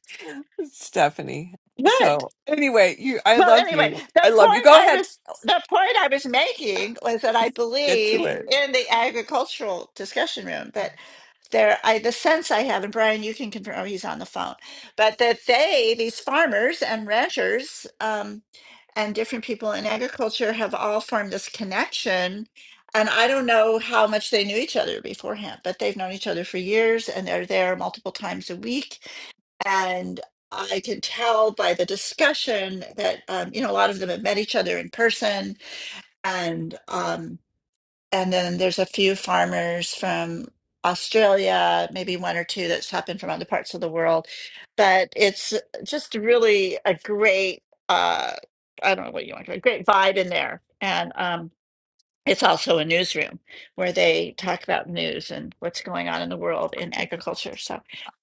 [SPEAKER 3] Stephanie.
[SPEAKER 1] Good.
[SPEAKER 3] So anyway, you I
[SPEAKER 1] Well,
[SPEAKER 3] love
[SPEAKER 1] anyway,
[SPEAKER 3] you.
[SPEAKER 1] the
[SPEAKER 3] I love you.
[SPEAKER 1] point
[SPEAKER 3] Go
[SPEAKER 1] I
[SPEAKER 3] ahead.
[SPEAKER 1] was the point I was making was that I
[SPEAKER 3] Get to
[SPEAKER 1] believe
[SPEAKER 3] it.
[SPEAKER 1] in the agricultural discussion room that there i the sense i have and brian you can confirm oh, he's on the phone but that they these farmers and ranchers um, and different people in agriculture have all formed this connection and i don't know how much they knew each other beforehand but they've known each other for years and they're there multiple times a week and i can tell by the discussion that um, you know a lot of them have met each other in person and um, and then there's a few farmers from Australia, maybe one or two that's happened from other parts of the world. But it's just really a great, uh, I don't know what you want to a great vibe in there. And um, it's also a newsroom where they talk about news and what's going on in the world in agriculture. So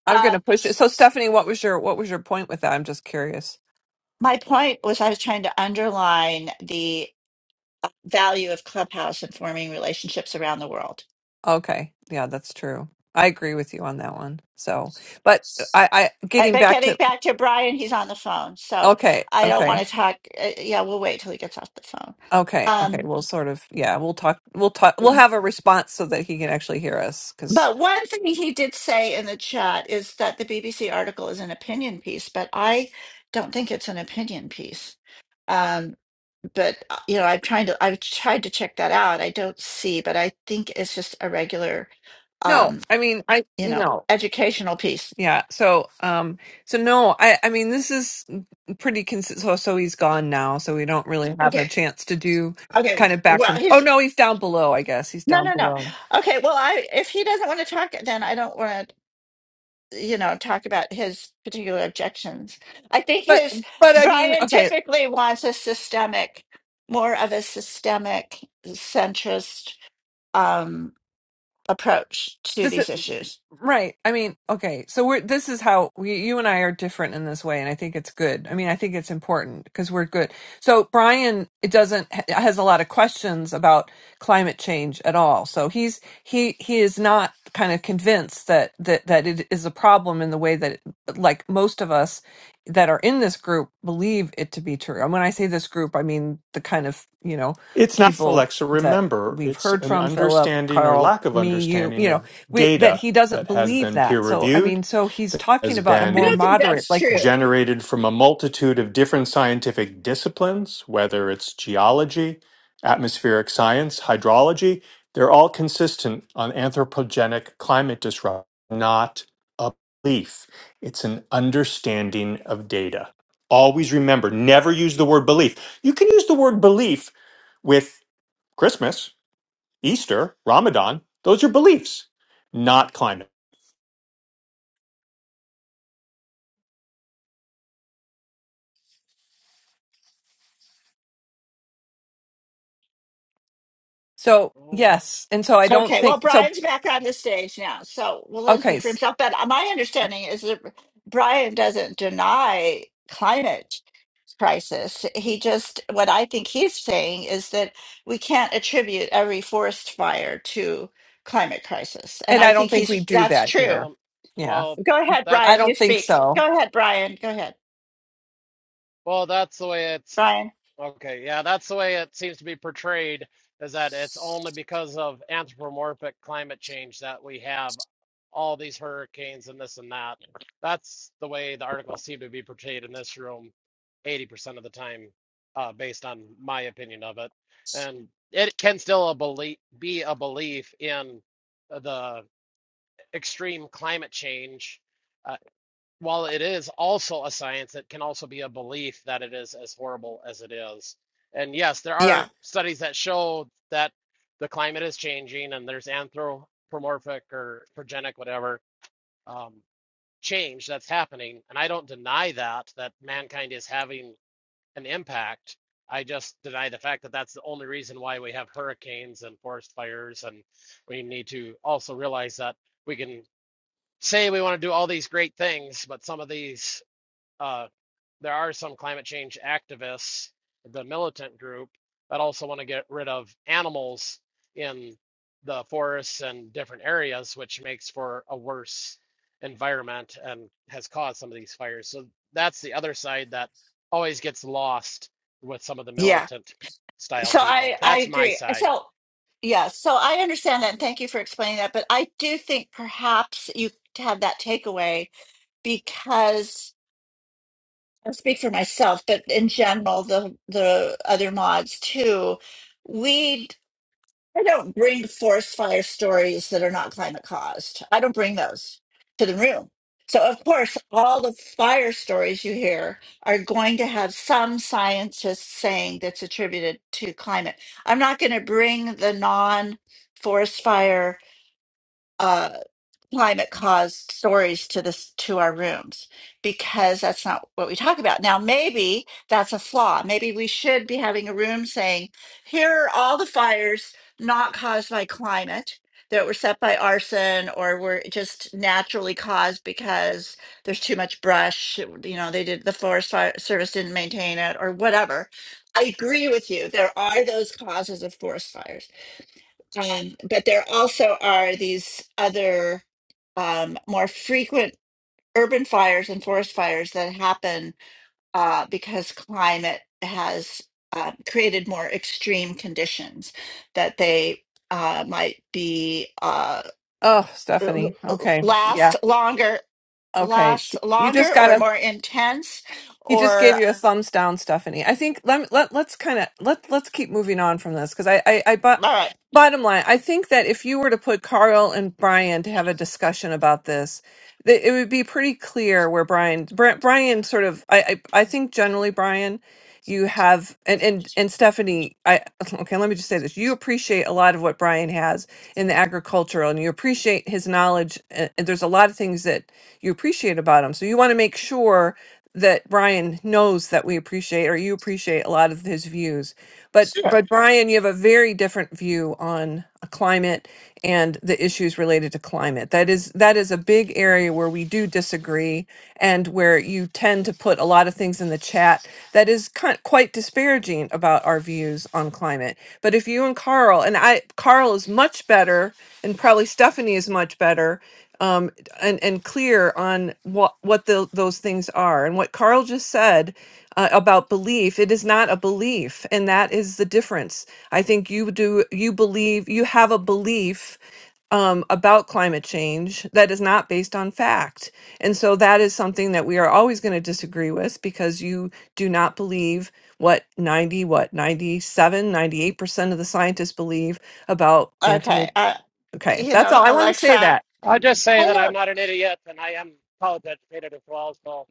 [SPEAKER 3] I'm
[SPEAKER 1] uh,
[SPEAKER 3] gonna push it. So Stephanie, what was your what was your point with that? I'm just curious.
[SPEAKER 1] my point was I was trying to underline the uh, value of Clubhouse in forming relationships around the world
[SPEAKER 3] Okay. Yeah, that's true. I agree with you on that one. So, but uh, I, I
[SPEAKER 1] Uh,
[SPEAKER 3] getting
[SPEAKER 1] But
[SPEAKER 3] back
[SPEAKER 1] getting
[SPEAKER 3] to
[SPEAKER 1] back to Brian, he's on the phone, so
[SPEAKER 3] okay,
[SPEAKER 1] I don't want
[SPEAKER 3] okay,
[SPEAKER 1] to talk. uh, Yeah, we'll wait till he gets off the phone.
[SPEAKER 3] okay, okay.
[SPEAKER 1] Um,
[SPEAKER 3] We'll sort of yeah, we'll talk. We'll talk. We'll have a response so that he can actually hear us. Because
[SPEAKER 1] but one thing he did say in the chat is that the BBC article is an opinion piece, but I don't think it's an opinion piece. Um, but uh, you know, I've tried to I've tried to check that out. I don't see, but I think it's just a regular,
[SPEAKER 3] no,
[SPEAKER 1] um,
[SPEAKER 3] I mean I
[SPEAKER 1] you know,
[SPEAKER 3] no.
[SPEAKER 1] educational piece.
[SPEAKER 3] Yeah. So um. So no. I I mean this is pretty consistent. So so he's gone now. So we don't really have a
[SPEAKER 1] Okay.
[SPEAKER 3] chance to do
[SPEAKER 1] Okay.
[SPEAKER 3] kind of back
[SPEAKER 1] Well,
[SPEAKER 3] and oh
[SPEAKER 1] he's
[SPEAKER 3] no he's down below I guess he's
[SPEAKER 1] no,
[SPEAKER 3] down
[SPEAKER 1] no, no.
[SPEAKER 3] below.
[SPEAKER 1] Okay. Well, I if he doesn't want to talk, then I don't want to you know, talk about his particular objections. I think
[SPEAKER 3] But
[SPEAKER 1] his
[SPEAKER 3] but I mean
[SPEAKER 1] Brian
[SPEAKER 3] okay
[SPEAKER 1] typically wants a systemic, more of a systemic centrist um, approach to
[SPEAKER 3] this is.
[SPEAKER 1] these issues.
[SPEAKER 3] Right. I mean, okay. So we're this is how we, you and I are different in this way, and I think it's good. I mean, I think it's important because we're good. So Brian, it doesn't ha- has a lot of questions about climate change at all. So he's he he is not kind of convinced that that that it is a problem in the way that like most of us that are in this group believe it to be true. And when I say this group, I mean the kind of you know
[SPEAKER 2] It's not
[SPEAKER 3] people
[SPEAKER 2] Alexa,
[SPEAKER 3] that
[SPEAKER 2] remember,
[SPEAKER 3] we've
[SPEAKER 2] it's
[SPEAKER 3] heard
[SPEAKER 2] an
[SPEAKER 3] from Philip,
[SPEAKER 2] understanding or
[SPEAKER 3] Carl,
[SPEAKER 2] lack of
[SPEAKER 3] me, you,
[SPEAKER 2] understanding
[SPEAKER 3] you know
[SPEAKER 2] of
[SPEAKER 3] we, that
[SPEAKER 2] data
[SPEAKER 3] he doesn't
[SPEAKER 2] that has
[SPEAKER 3] believe
[SPEAKER 2] been peer
[SPEAKER 3] that. So, I
[SPEAKER 2] reviewed,
[SPEAKER 3] mean, so he's
[SPEAKER 2] that has
[SPEAKER 3] talking about a
[SPEAKER 1] I
[SPEAKER 3] more
[SPEAKER 2] been
[SPEAKER 1] don't think
[SPEAKER 3] moderate,
[SPEAKER 1] that's
[SPEAKER 3] like,
[SPEAKER 1] true.
[SPEAKER 2] generated from a multitude of different scientific disciplines, whether it's geology, atmospheric science, hydrology, they're all consistent on anthropogenic climate disruption, not a belief. It's an understanding of data. Always remember, never use the word belief. You can use the word belief with Christmas, Easter, Ramadan. Those are beliefs, not climate.
[SPEAKER 3] so
[SPEAKER 6] Oh,
[SPEAKER 3] yes. And so I don't
[SPEAKER 1] Okay, well,
[SPEAKER 3] think, so,
[SPEAKER 1] Brian's back on the stage now, so we'll let him
[SPEAKER 3] okay.
[SPEAKER 1] speak for
[SPEAKER 3] s-
[SPEAKER 1] himself. But my understanding is that Brian doesn't deny climate crisis. He just, what I think he's saying is that we can't attribute every forest fire to climate crisis. And
[SPEAKER 3] And
[SPEAKER 1] I
[SPEAKER 3] I don't
[SPEAKER 1] think
[SPEAKER 3] think we
[SPEAKER 1] he's,
[SPEAKER 3] do
[SPEAKER 1] that's
[SPEAKER 3] that
[SPEAKER 1] true.
[SPEAKER 3] here.
[SPEAKER 6] um,
[SPEAKER 3] Yeah.
[SPEAKER 6] well,
[SPEAKER 1] Go ahead,
[SPEAKER 6] that's
[SPEAKER 3] I
[SPEAKER 1] Brian, you
[SPEAKER 3] don't think
[SPEAKER 1] speak.
[SPEAKER 3] so.
[SPEAKER 1] Go ahead, Brian. Go ahead,
[SPEAKER 6] well, that's the way it's.
[SPEAKER 1] Brian.
[SPEAKER 6] Okay, yeah, that's the way it seems to be portrayed, is that it's only because of anthropomorphic climate change that we have all these hurricanes and this and that. That's the way the articles seem to be portrayed in this room 80% of the time, uh, based on my opinion of it. And it can still a belie be a belief in the extreme climate change. uh, while it is also a science, it can also be a belief that it is as horrible as it is. And yes, there
[SPEAKER 1] Yeah,
[SPEAKER 6] are studies that show that the climate is changing and there's anthropomorphic or progenic, whatever, um, change that's happening. And I don't deny that, that mankind is having an impact. I just deny the fact that that's the only reason why we have hurricanes and forest fires. And we need to also realize that we can say we want to do all these great things, but some of these uh, there are some climate change activists, the militant group, that also want to get rid of animals in the forests and different areas, which makes for a worse environment and has caused some of these fires. So that's the other side that always gets lost with some of the
[SPEAKER 1] yeah.
[SPEAKER 6] militant style
[SPEAKER 1] So I,
[SPEAKER 6] people.
[SPEAKER 1] I
[SPEAKER 6] That's my
[SPEAKER 1] agree.
[SPEAKER 6] side.
[SPEAKER 1] So, yeah, so I understand that. And thank you for explaining that. But I do think perhaps you had that takeaway because I'll speak for myself, but in general, the, the other mods too. we'd. I don't bring forest fire stories that are not climate caused. I don't bring those to the room. So, of course, all the fire stories you hear are going to have some scientist saying that's attributed to climate. I'm not going to bring the non forest fire. uh, climate caused stories to this to our rooms because that's not what we talk about now maybe that's a flaw maybe we should be having a room saying here are all the fires not caused by climate that were set by arson or were just naturally caused because there's too much brush you know they did the forest fire service didn't maintain it or whatever i agree with you there are those causes of forest fires um, but there also are these other um, more frequent urban fires and forest fires that happen uh, because climate has uh, created more extreme conditions that they uh, might be uh,
[SPEAKER 3] Oh,
[SPEAKER 1] l-
[SPEAKER 3] Stephanie.
[SPEAKER 1] l-
[SPEAKER 3] Okay. Yeah.
[SPEAKER 1] last longer
[SPEAKER 3] Okay.
[SPEAKER 1] last
[SPEAKER 3] She, you just
[SPEAKER 1] longer
[SPEAKER 3] got
[SPEAKER 1] or
[SPEAKER 3] to
[SPEAKER 1] more intense
[SPEAKER 3] He just
[SPEAKER 1] or
[SPEAKER 3] gave you a thumbs down, Stephanie. I think let let let's kind of let let's keep moving on from this because I I, I but
[SPEAKER 1] all right
[SPEAKER 3] bottom line, I think that if you were to put Carl and Brian to have a discussion about this, that it would be pretty clear where Brian Bri- Brian sort of I I, I think generally Brian you have and and and Stephanie, I okay, let me just say this. You appreciate a lot of what Brian has in the agricultural and you appreciate his knowledge and, and there's a lot of things that you appreciate about him. So you want to make sure that Brian knows that we appreciate or you appreciate a lot of his views. But
[SPEAKER 1] sure
[SPEAKER 3] but Brian, you have a very different view different view on a climate and the issues related to climate. That is that is a big area where we do disagree and where you tend to put a lot of things in the chat that is kind quite disparaging about our views on climate. But if you and Carl and I Carl is much better and probably Stephanie is much better um, and and clear on what what the, those things are and what Carl just said uh, about belief. It is not a belief, and that is the difference. I think you do you believe you have a belief um, about climate change that is not based on fact, and so that is something that we are always going to disagree with because you do not believe what 90 what ninety seven ninety eight percent of the scientists believe about
[SPEAKER 1] okay
[SPEAKER 3] anthropology
[SPEAKER 1] uh,
[SPEAKER 3] okay
[SPEAKER 1] you
[SPEAKER 3] that's
[SPEAKER 1] know
[SPEAKER 3] all i want to say
[SPEAKER 1] alexa
[SPEAKER 3] that
[SPEAKER 6] I'll just
[SPEAKER 1] i
[SPEAKER 6] say that I'm
[SPEAKER 1] don't
[SPEAKER 6] not an idiot and I am college educated as well, so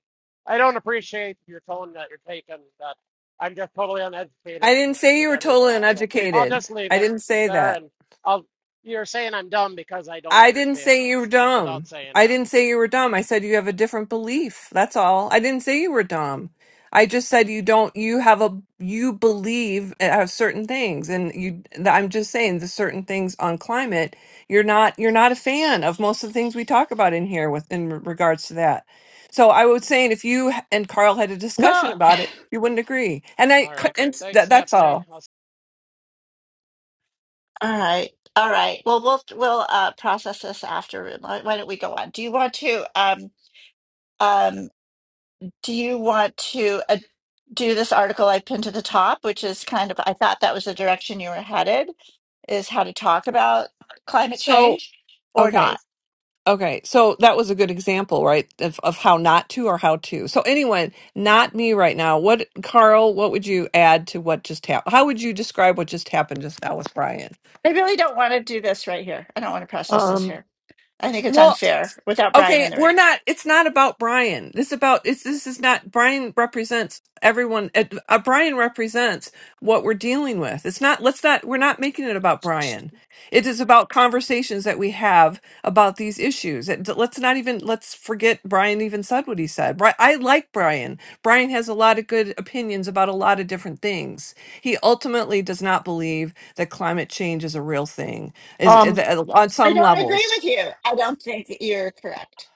[SPEAKER 6] I don't appreciate your tone that you're taking, that I'm just totally
[SPEAKER 3] I
[SPEAKER 6] uneducated
[SPEAKER 3] didn't say you
[SPEAKER 6] in
[SPEAKER 3] were totally
[SPEAKER 6] everything. So I'll
[SPEAKER 3] uneducated.
[SPEAKER 6] just leave
[SPEAKER 3] I
[SPEAKER 6] it
[SPEAKER 3] didn't say
[SPEAKER 6] there
[SPEAKER 3] that.
[SPEAKER 6] and I'll you're saying I'm dumb because I don't
[SPEAKER 3] I didn't
[SPEAKER 6] understand
[SPEAKER 3] say you were
[SPEAKER 6] without
[SPEAKER 3] dumb.
[SPEAKER 6] saying
[SPEAKER 3] I
[SPEAKER 6] that.
[SPEAKER 3] didn't say you were dumb. I said you have a different belief. That's all. I didn't say you were dumb. I just said you don't. You have a you believe uh uh, certain things, and you. I'm just saying the certain things on climate. You're not. You're not a fan of most of the things we talk about in here with in regards to that. So I was saying if you h- and Carl had a
[SPEAKER 1] well
[SPEAKER 3] discussion about it, you wouldn't agree. And I
[SPEAKER 6] All
[SPEAKER 3] c-
[SPEAKER 6] right.
[SPEAKER 3] and
[SPEAKER 6] Thanks,
[SPEAKER 3] that, that's
[SPEAKER 6] Stephanie.
[SPEAKER 3] all.
[SPEAKER 6] I'll
[SPEAKER 1] All right. All right. Well, we'll we'll uh, process this after. Why why don't we go on? Do you want to um um do you want to uh, do this article I pinned to the top, which is kind of I thought that was the direction you were headed, is how to talk about climate
[SPEAKER 3] So
[SPEAKER 1] change or
[SPEAKER 3] okay.
[SPEAKER 1] not?
[SPEAKER 3] Okay, so that was a good example, right, of, of how not to or how to. So anyone, not me right now. What, Carl? What would you add to what just happened? How would you describe what just happened just now with Brian?
[SPEAKER 1] I really don't want to do this right here. I don't want to process this
[SPEAKER 2] Um,
[SPEAKER 1] here. I think it's unfair without Brian in
[SPEAKER 3] Okay,
[SPEAKER 1] the room.
[SPEAKER 3] we're not. It's not about Brian. This about it's. This is not Brian represents everyone. Uh, uh, Brian represents what we're dealing with. It's not. Let's not. We're not making it about Brian. It is about conversations that we have about these issues. It- Let's not even. Let's forget Brian even said what he said. Bri- I like Brian. Brian has a lot of good opinions about a lot of different things. He ultimately does not believe that climate change is a real thing. Is, is uh, on
[SPEAKER 1] I
[SPEAKER 3] some
[SPEAKER 1] don't agree
[SPEAKER 3] levels.
[SPEAKER 1] with you. I don't think that you're correct.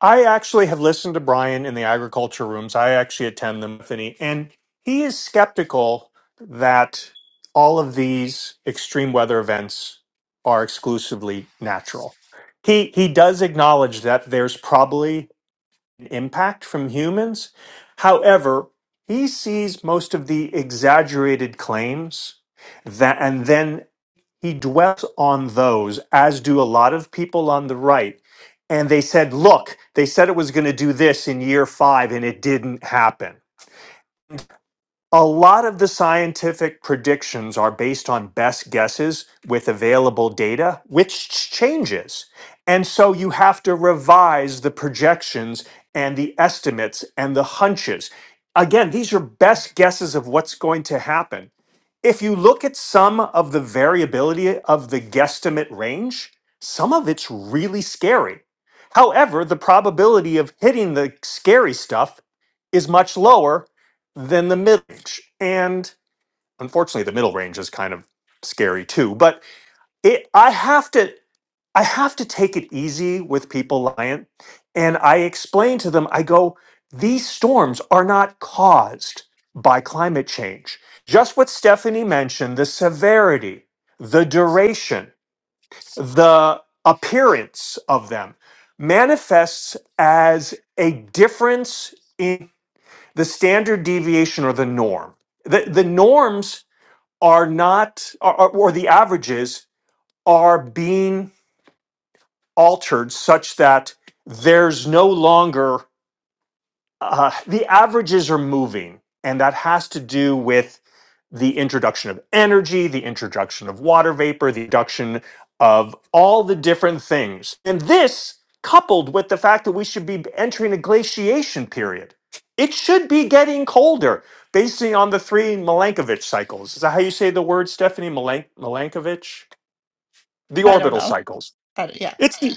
[SPEAKER 2] I actually have listened to Brian in the agriculture rooms. I actually attend them, Anthony, and he is skeptical that all of these extreme weather events are exclusively natural. He he does acknowledge that there's probably an impact from humans. However, he sees most of the exaggerated claims that and then he dwells on those, as do a lot of people on the right. And they said, look, they said it was going to do this in year five, and it didn't happen. A lot of the scientific predictions are based on best guesses with available data, which ch- changes. And so you have to revise the projections and the estimates and the hunches. Again, these are best guesses of what's going to happen. If you look at some of the variability of the guesstimate range, some of it's really scary. However, the probability of hitting the scary stuff is much lower than the middle, range. And unfortunately, the middle range is kind of scary too. But it, I have to, I have to take it easy with people, Lion. And I explain to them, I go, these storms are not caused by climate change. Just what Stephanie mentioned, the severity, the duration, the appearance of them manifests as a difference in the standard deviation or the norm. The, the norms are not, or, or the averages are being altered such that there's no longer uh, the averages are moving, and that has to do with the introduction of energy, the introduction of water vapor, the introduction of all the different things. And this, coupled with the fact that we should be entering a glaciation period, it should be getting colder, based on the three Milankovitch cycles. Is that how you say the word, Stephanie? Milank- Milankovitch? The
[SPEAKER 1] I don't
[SPEAKER 2] orbital
[SPEAKER 1] know.
[SPEAKER 2] cycles.
[SPEAKER 1] I don't- yeah.
[SPEAKER 2] It's the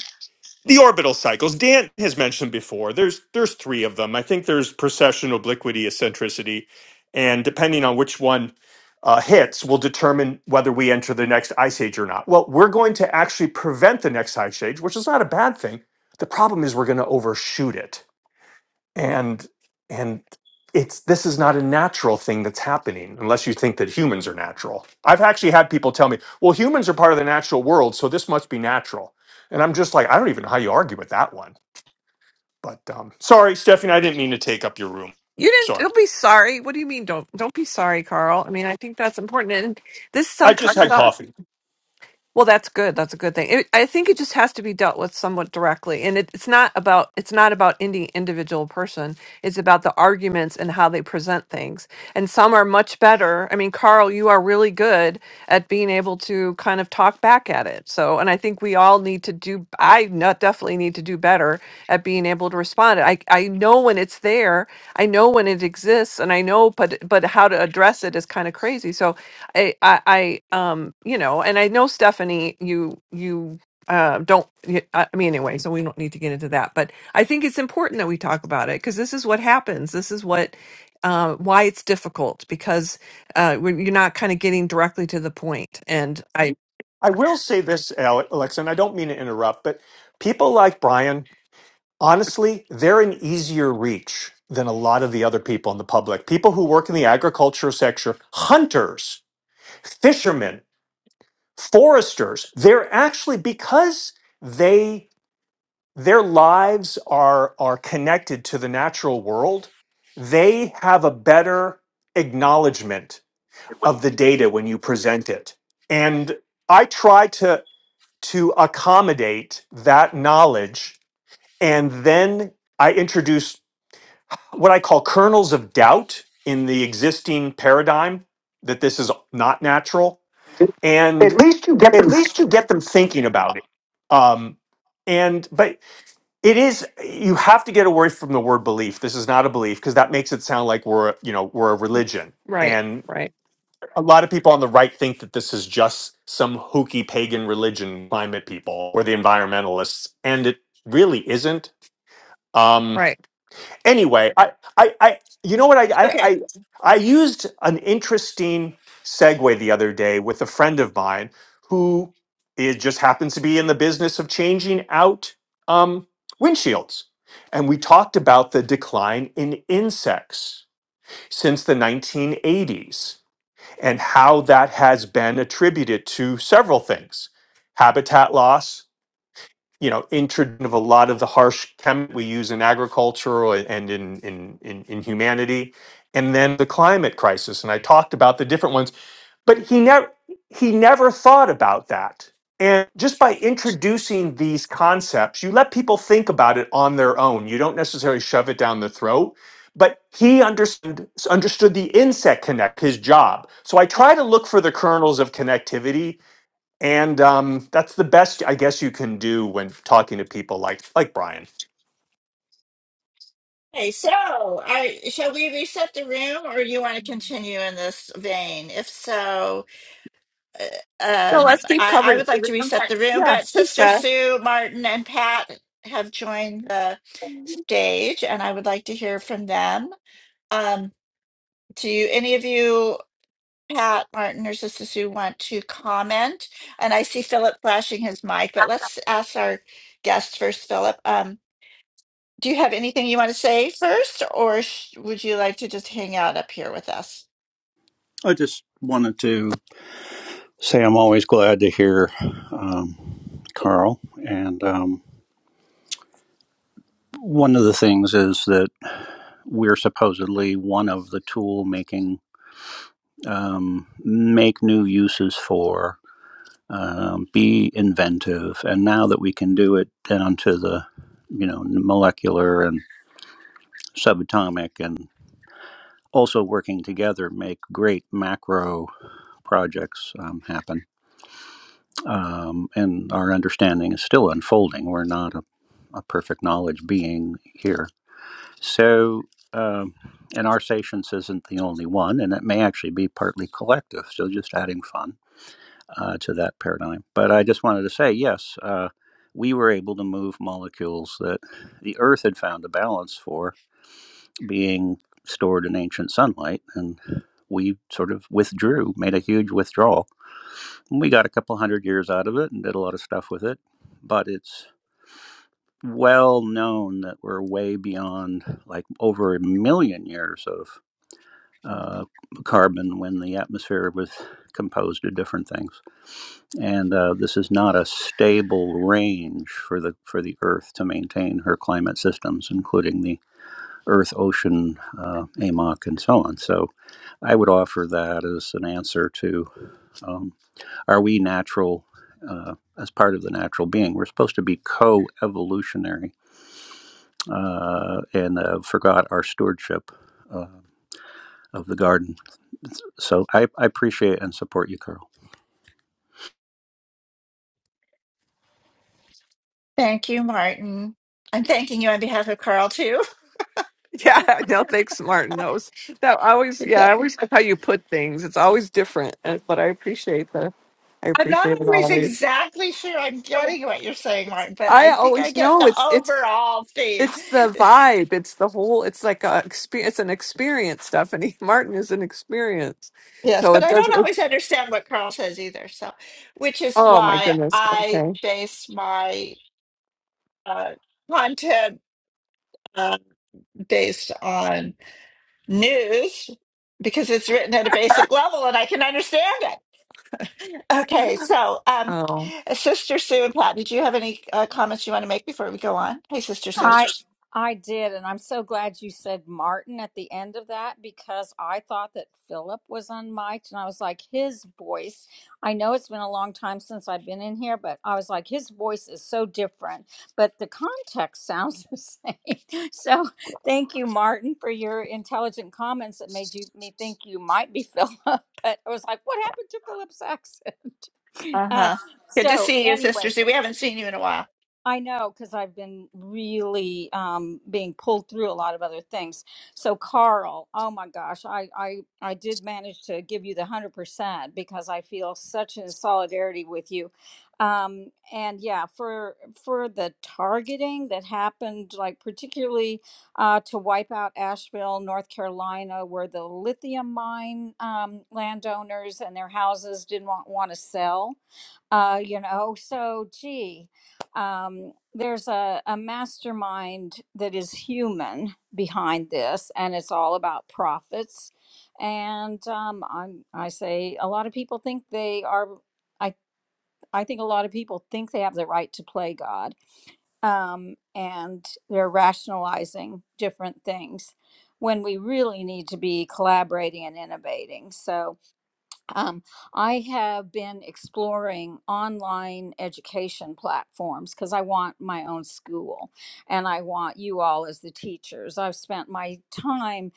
[SPEAKER 2] the orbital cycles dan has mentioned before there's there's three of them i think there's precession obliquity eccentricity and depending on which one uh, hits will determine whether we enter the next ice age or not well we're going to actually prevent the next ice age which is not a bad thing the problem is we're going to overshoot it and and it's this is not a natural thing that's happening unless you think that humans are natural i've actually had people tell me well humans are part of the natural world so this must be natural and i'm just like i don't even know how you argue with that one but um, sorry stephanie i didn't mean to take up your room
[SPEAKER 3] You didn't.
[SPEAKER 2] sorry
[SPEAKER 3] Don't be sorry. What do you mean? Don't don't be sorry, Carl. I mean, I think that's important. And this is
[SPEAKER 2] i just had
[SPEAKER 3] unconscious.
[SPEAKER 2] coffee
[SPEAKER 3] Well, that's good. That's a good thing. It, I think it just has to be dealt with somewhat directly, and it, it's not about it's not about any individual person. It's about the arguments and how they present things. And some are much better. I mean, Carl, you are really good at being able to kind of talk back at it. So, and I think we all need to do. I not definitely need to do better at being able to respond. I I know when it's there. I know when it exists, and I know, but but how to address it is kind of crazy. So I, I, I, um, you know, and I know Stephanie, you, you, uh, don't, y- I I mean, anyway, so we don't need to get into that, but I think it's important that we talk about it because this is what happens. This is what, uh, why it's difficult because, uh, when you're not kind of getting directly to the point. And I,
[SPEAKER 2] i will say this Ale- alexa and i don't mean to interrupt but people like brian honestly they're an easier reach than a lot of the other people in the public people who work in the agriculture sector hunters fishermen, foresters, they're actually because they their lives are are connected to the natural world, they have a better acknowledgement of the data when you present it. And I try to to accommodate that knowledge and then I introduce what I call kernels of doubt in the existing paradigm that this is not natural
[SPEAKER 3] At
[SPEAKER 2] and
[SPEAKER 3] least you get
[SPEAKER 2] at
[SPEAKER 3] them.
[SPEAKER 2] least you get them thinking about it um and but it is you have to get away from the word belief this is not a belief because that makes it sound like we're a- you know we're a religion
[SPEAKER 3] right,
[SPEAKER 2] and
[SPEAKER 3] right,
[SPEAKER 2] a lot of people on the right think that this is just some hooky pagan religion climate people or the environmentalists and it really isn't um,
[SPEAKER 3] right.
[SPEAKER 2] anyway, I, I, I, you know what? I, I,
[SPEAKER 1] Okay.
[SPEAKER 2] I, I used an interesting segue the other day with a friend of mine who is, just happens to be in the business of changing out um, windshields, and we talked about the decline in insects since the 1980s and how that has been attributed to several things: habitat loss, you know introduction of a lot of the harsh chem we use in agriculture or- and in, in in in humanity and then the climate crisis and i talked about the different ones but he never he never thought about that and just by introducing these concepts you let people think about it on their own you don't necessarily shove it down the throat but he understood understood the insect connect his job so i try to look for the kernels of connectivity and um, that's the best I guess you can do when talking to people like like Brian.
[SPEAKER 1] Hey, so I shall we reset the room, or you want to continue in this vein? If so, uh,
[SPEAKER 3] No,
[SPEAKER 1] um,
[SPEAKER 3] let's keep
[SPEAKER 1] I, I
[SPEAKER 3] covering.
[SPEAKER 1] would like to reset the room.
[SPEAKER 3] Yeah,
[SPEAKER 1] But
[SPEAKER 3] he
[SPEAKER 1] Sister
[SPEAKER 3] said.
[SPEAKER 1] Sue, Martin, and Pat have joined the stage, and I would like to hear from them. Um, do any of you, Pat, Martin, or Sister Sue, want to comment? And I see Philip flashing his mic, but let's ask our guest first, Philip. Um, do you have anything you want to say first, or sh- would you like to just hang out up here with us?
[SPEAKER 8] I just wanted to say I'm always glad to hear um, Carl. And um, one of the things is that we're supposedly one of the tool making, um, make new uses for, um, be inventive. And now that we can do it down to the, you know, molecular and subatomic and also working together, make great macro projects um, happen. um, and our understanding is still unfolding. We're not a, a perfect knowledge being here. So, um, and our satience isn't the only one, and it may actually be partly collective. So, just adding fun uh, to that paradigm. But I just wanted to say, yes, uh, we were able to move molecules that the Earth had found a balance for being stored in ancient sunlight, and we sort of withdrew, made a huge withdrawal and we got a couple hundred years out of it and did a lot of stuff with it. But it's well known that we're way beyond like over a million years of uh, carbon when the atmosphere was composed of different things. And uh, this is not a stable range for the for the Earth to maintain her climate systems, including the Earth, ocean, uh, AMOC, and so on. So I would offer that as an answer to. um, are we natural uh, as part of the natural being? We're supposed to be co evolutionary uh, and uh, forgot our stewardship uh, of the garden. So I, I appreciate and support you, Carl.
[SPEAKER 1] Thank you, Martin. I'm thanking you on behalf of Carl, too.
[SPEAKER 3] Yeah, no, thanks, Martin. That was that I always. Yeah, I
[SPEAKER 1] Yeah.
[SPEAKER 3] always like how you put things. It's always different, and, but I appreciate the. I
[SPEAKER 1] I'm not
[SPEAKER 3] appreciate it
[SPEAKER 1] always
[SPEAKER 3] always.
[SPEAKER 1] exactly sure I'm getting what you're saying, Martin, but
[SPEAKER 3] I
[SPEAKER 1] I think I
[SPEAKER 3] always
[SPEAKER 1] get
[SPEAKER 3] know
[SPEAKER 1] the
[SPEAKER 3] it's it's
[SPEAKER 1] overall theme.
[SPEAKER 3] it's the vibe. It's the whole. It's like a experience. It's an experience, Stephanie. Martin is an experience,
[SPEAKER 1] Yes,
[SPEAKER 3] so
[SPEAKER 1] but
[SPEAKER 3] it
[SPEAKER 1] I
[SPEAKER 3] does.
[SPEAKER 1] don't
[SPEAKER 3] It,
[SPEAKER 1] always understand what Carl says either. So, which is
[SPEAKER 3] oh my
[SPEAKER 1] why
[SPEAKER 3] goodness.
[SPEAKER 1] I
[SPEAKER 3] Okay.
[SPEAKER 1] base my uh, content uh, based on news because it's written at a basic level and I can understand it. Okay, so um, Sister Sue and Pat, did you have any uh, comments you want to make before we go on? Hey, Sister Sue.
[SPEAKER 9] I I did, and I'm so glad you said Martin at the end of that because I thought that Philip was unmiked, and I was like, his voice. I know it's been a long time since I've been in here, but I was like, his voice is so different, but the context sounds the same. So thank you, Martin, for your intelligent comments that made you me think you might be Philip. But I was like, what happened to Philip's accent? Uh,
[SPEAKER 1] Uh-huh. Good to
[SPEAKER 9] so
[SPEAKER 1] see you, Sister
[SPEAKER 9] anyway,
[SPEAKER 1] Sue. We haven't seen you in a while.
[SPEAKER 9] I know because I've been really um, being pulled through a lot of other things. So Carl, oh my gosh, I I I did manage to give you the one hundred percent because I feel such a solidarity with you. Um, and yeah, for for the targeting that happened, like particularly uh, to wipe out Asheville, North Carolina, where the lithium mine um, landowners and their houses didn't want, want to sell. Uh, you know, so gee um, there's a, a mastermind that is human behind this, and it's all about profits. And um, I'm, I say a lot of people think they are. I I think a lot of people think they have the right to play God, um, and they're rationalizing different things when we really need to be collaborating and innovating. So um, I have been exploring online education platforms because I want my own school and I want you all as the teachers. I've spent my time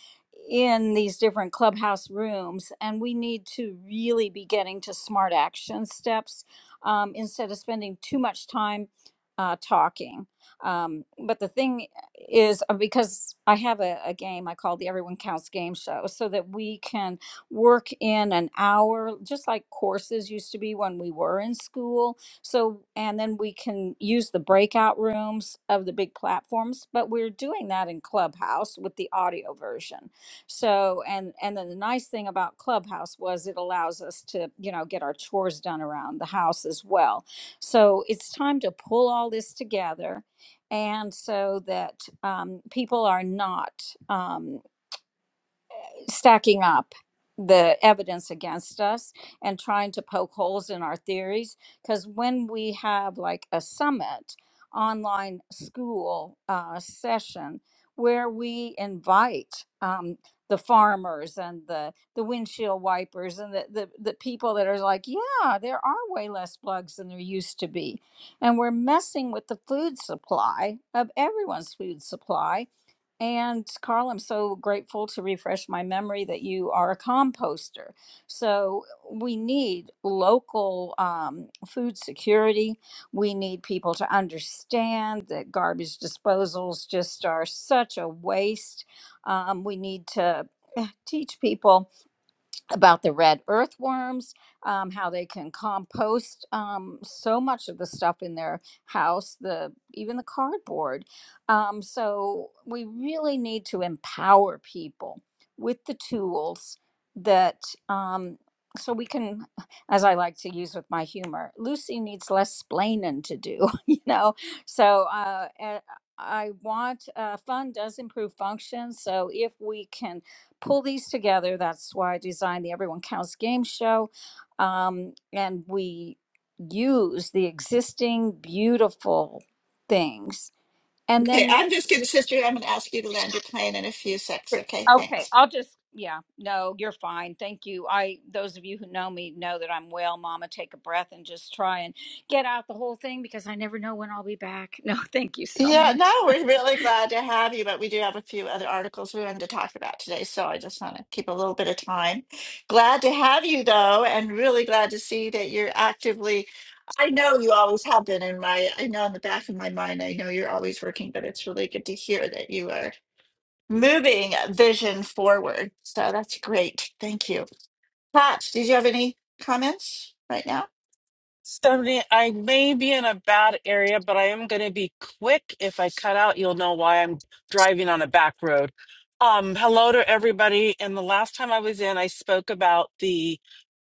[SPEAKER 9] in these different clubhouse rooms, and we need to really be getting to smart action steps um, instead of spending too much time uh, talking. Um, but the thing is, uh, because I have a, a game I call the Everyone Counts Game Show, so that we can work in an hour, just like courses used to be when we were in school. So, and then we can use the breakout rooms of the big platforms, but we're doing that in Clubhouse with the audio version. So, and and then the nice thing about Clubhouse was it allows us to, you know, get our chores done around the house as well. So, it's time to pull all this together and so that um, people are not um stacking up the evidence against us and trying to poke holes in our theories. Because when we have like a summit online school uh, session where we invite um, the farmers and the, the windshield wipers and the, the, the people that are like, yeah, there are way less bugs than there used to be. And we're messing with the food supply of everyone's food supply and Carl, I'm so grateful to refresh my memory that you are a composter. So we need local um, food security. We need people to understand that garbage disposals just are such a waste. Um, we need to eh, teach people about the red earthworms, um, how they can compost um, so much of the stuff in their house, the even the cardboard. Um, so we really need to empower people with the tools that um, so we can, as I like to use with my humor, Lucy needs less splaining to do, you know. So uh, eh, I want uh, fun does improve function. So if we can pull these together. That's why I designed the Everyone Counts game show. Um, and we use the existing beautiful things. And
[SPEAKER 1] Okay,
[SPEAKER 9] then,
[SPEAKER 1] I'm just gonna, sister. I'm gonna ask you to land your plane in a few secs.
[SPEAKER 9] Sure.
[SPEAKER 1] Okay,
[SPEAKER 9] okay,
[SPEAKER 1] thanks.
[SPEAKER 9] I'll just, yeah, no, you're fine. Thank you. I, those of you who know me know that I'm well, mama, take a breath and just try and get out the whole thing because I never know when I'll be back. No, thank you so
[SPEAKER 1] Yeah, no,
[SPEAKER 9] much.
[SPEAKER 1] we're really glad to have you, but we do have a few other articles we wanted to talk about today, so I just want to keep a little bit of time. Glad to have you, though, and really glad to see that you're actively. I know you always have been in my, I know in the back of my mind, I know you're always working, but it's really good to hear that you are moving vision forward. So that's great. Thank you. Pat, did you have any comments right now?
[SPEAKER 10] Stephanie, I may be in a bad area, but I am going to be quick. If I cut out, you'll know why I'm driving on a back road. Um, hello to everybody. And the last time I was in, I spoke about the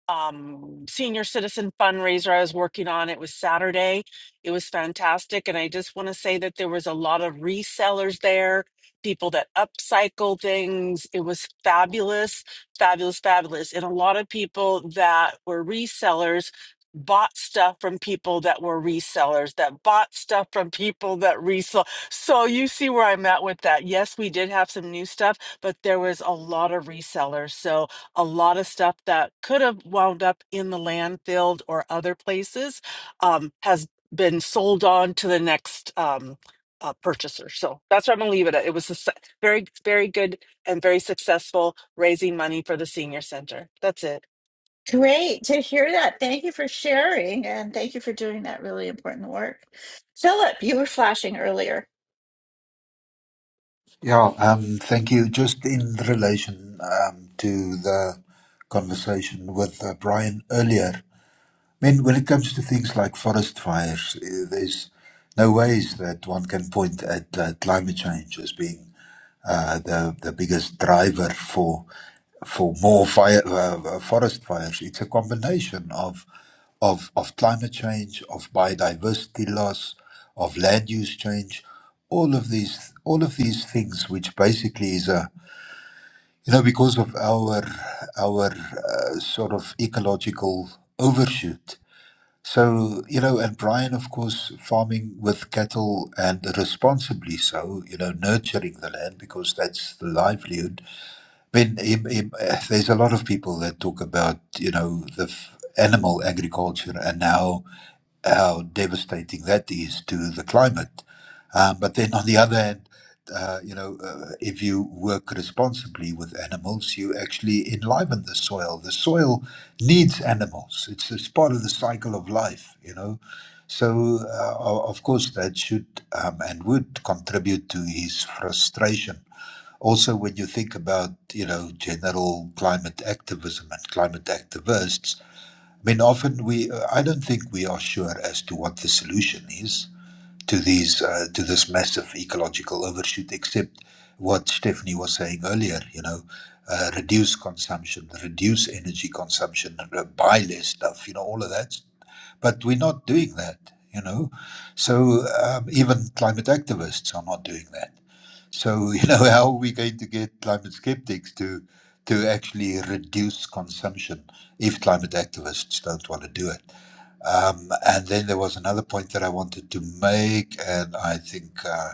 [SPEAKER 10] um senior citizen fundraiser I was working on. It was Saturday. It was fantastic. And I just want to say that there was a lot of resellers there, people that upcycle things. It was fabulous, fabulous, fabulous. And a lot of people that were resellers bought stuff from people that were resellers that bought stuff from people that resell. So you see where I'm at with that. Yes, we did have some new stuff, but there was a lot of resellers. So a lot of stuff that could have wound up in the landfill or other places um, has been sold on to the next um, uh, purchaser. So that's where I'm going to leave it at. It was a se- very, very good and very successful raising money for the senior center. That's it.
[SPEAKER 1] Great to hear that. Thank you for sharing and thank you for doing that really important work. Philip, you were flashing earlier.
[SPEAKER 5] Yeah, um, thank you. Just in relation um, to the conversation with uh, Brian earlier, I mean, when it comes to things like forest fires, eh, there's no ways that one can point at uh, climate change as being uh, the the biggest driver for for more fire uh, uh, forest fires. It's a combination of of of climate change, of biodiversity loss, of land use change, all of these all of these things, which basically is a you know because of our our uh, sort of ecological overshoot so, you know, and Brian, of course, farming with cattle and responsibly so, you know, nurturing the land because that's the livelihood. When im- im- eh, there's a lot of people that talk about, you know, the f- animal agriculture and how how devastating that is to the climate. Um, but then on the other hand, uh, you know, uh, if you work responsibly with animals, you actually enliven the soil. The soil needs animals. It's, it's part of the cycle of life, you know. So, uh, o- of course, that should um, and would contribute to his frustration also, when you think about, you know, general climate activism and climate activists, I mean, often we, uh, I don't think we are sure as to what the solution is to these, uh, to this massive ecological overshoot, except what Stephanie was saying earlier, you know, uh, reduce consumption, reduce energy consumption, uh, buy less stuff, you know, all of that. But we're not doing that, you know. So um, even climate activists are not doing that. So, you know, how are we going to get climate skeptics to to actually reduce consumption if climate activists don't want to do it? Um, and then there was another point that I wanted to make, and I think uh,